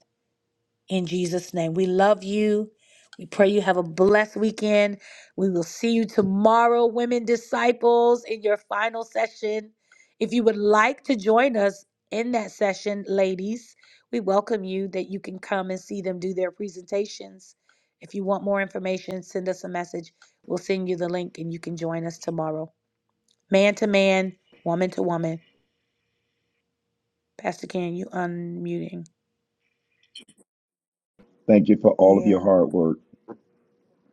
S1: in Jesus' name. We love you. We pray you have a blessed weekend. We will see you tomorrow, Women Disciples, in your final session. If you would like to join us in that session, ladies, we welcome you that you can come and see them do their presentations. If you want more information, send us a message. We'll send you the link and you can join us tomorrow. Man to man, woman to woman. Pastor Ken, you unmuting.
S7: Thank you for all of your
S1: Yeah.
S7: hard work,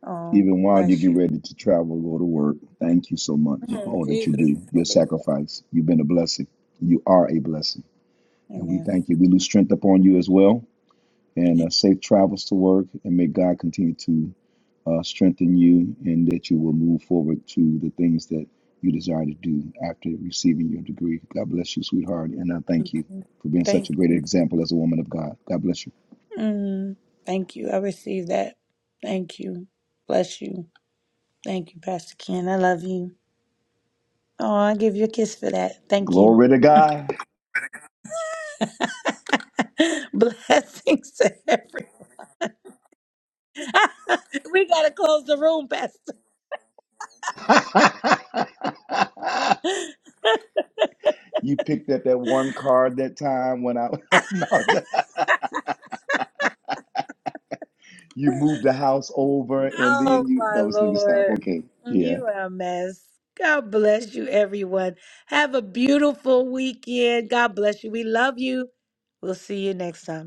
S1: Oh,
S7: even while you
S1: bless
S7: get
S1: you.
S7: ready to travel, go to work. Thank you so much for
S1: Oh,
S7: all that you
S1: Jesus.
S7: do, your
S1: help me, Lord.
S7: sacrifice. You've been a blessing. You are a blessing. And we
S1: Amen.
S7: thank you. We lose strength upon you as well. And uh, safe travels to work. And may God continue to uh, strengthen you and that you will move forward to the things that you desire to do after receiving your degree. God bless you, sweetheart. And I thank you for being such a
S1: Thank
S7: great
S1: you.
S7: example as a woman of God. God bless you.
S1: Mm, thank you. I receive that. Thank you. Bless you. Thank you, Pastor Ken. I love you. Oh, I give you a kiss for that. Thank you.
S7: Glory to God.
S1: Blessings to everyone. we gotta close the room, Pastor.
S7: you picked up that one card that time when I no, you moved the house over and then
S1: Oh
S7: you
S1: my
S7: no, let me stop.
S1: Lord.
S7: Okay, yeah.
S1: You are a mess. God bless you, everyone. Have a beautiful weekend. God bless you. We love you. We'll see you next time.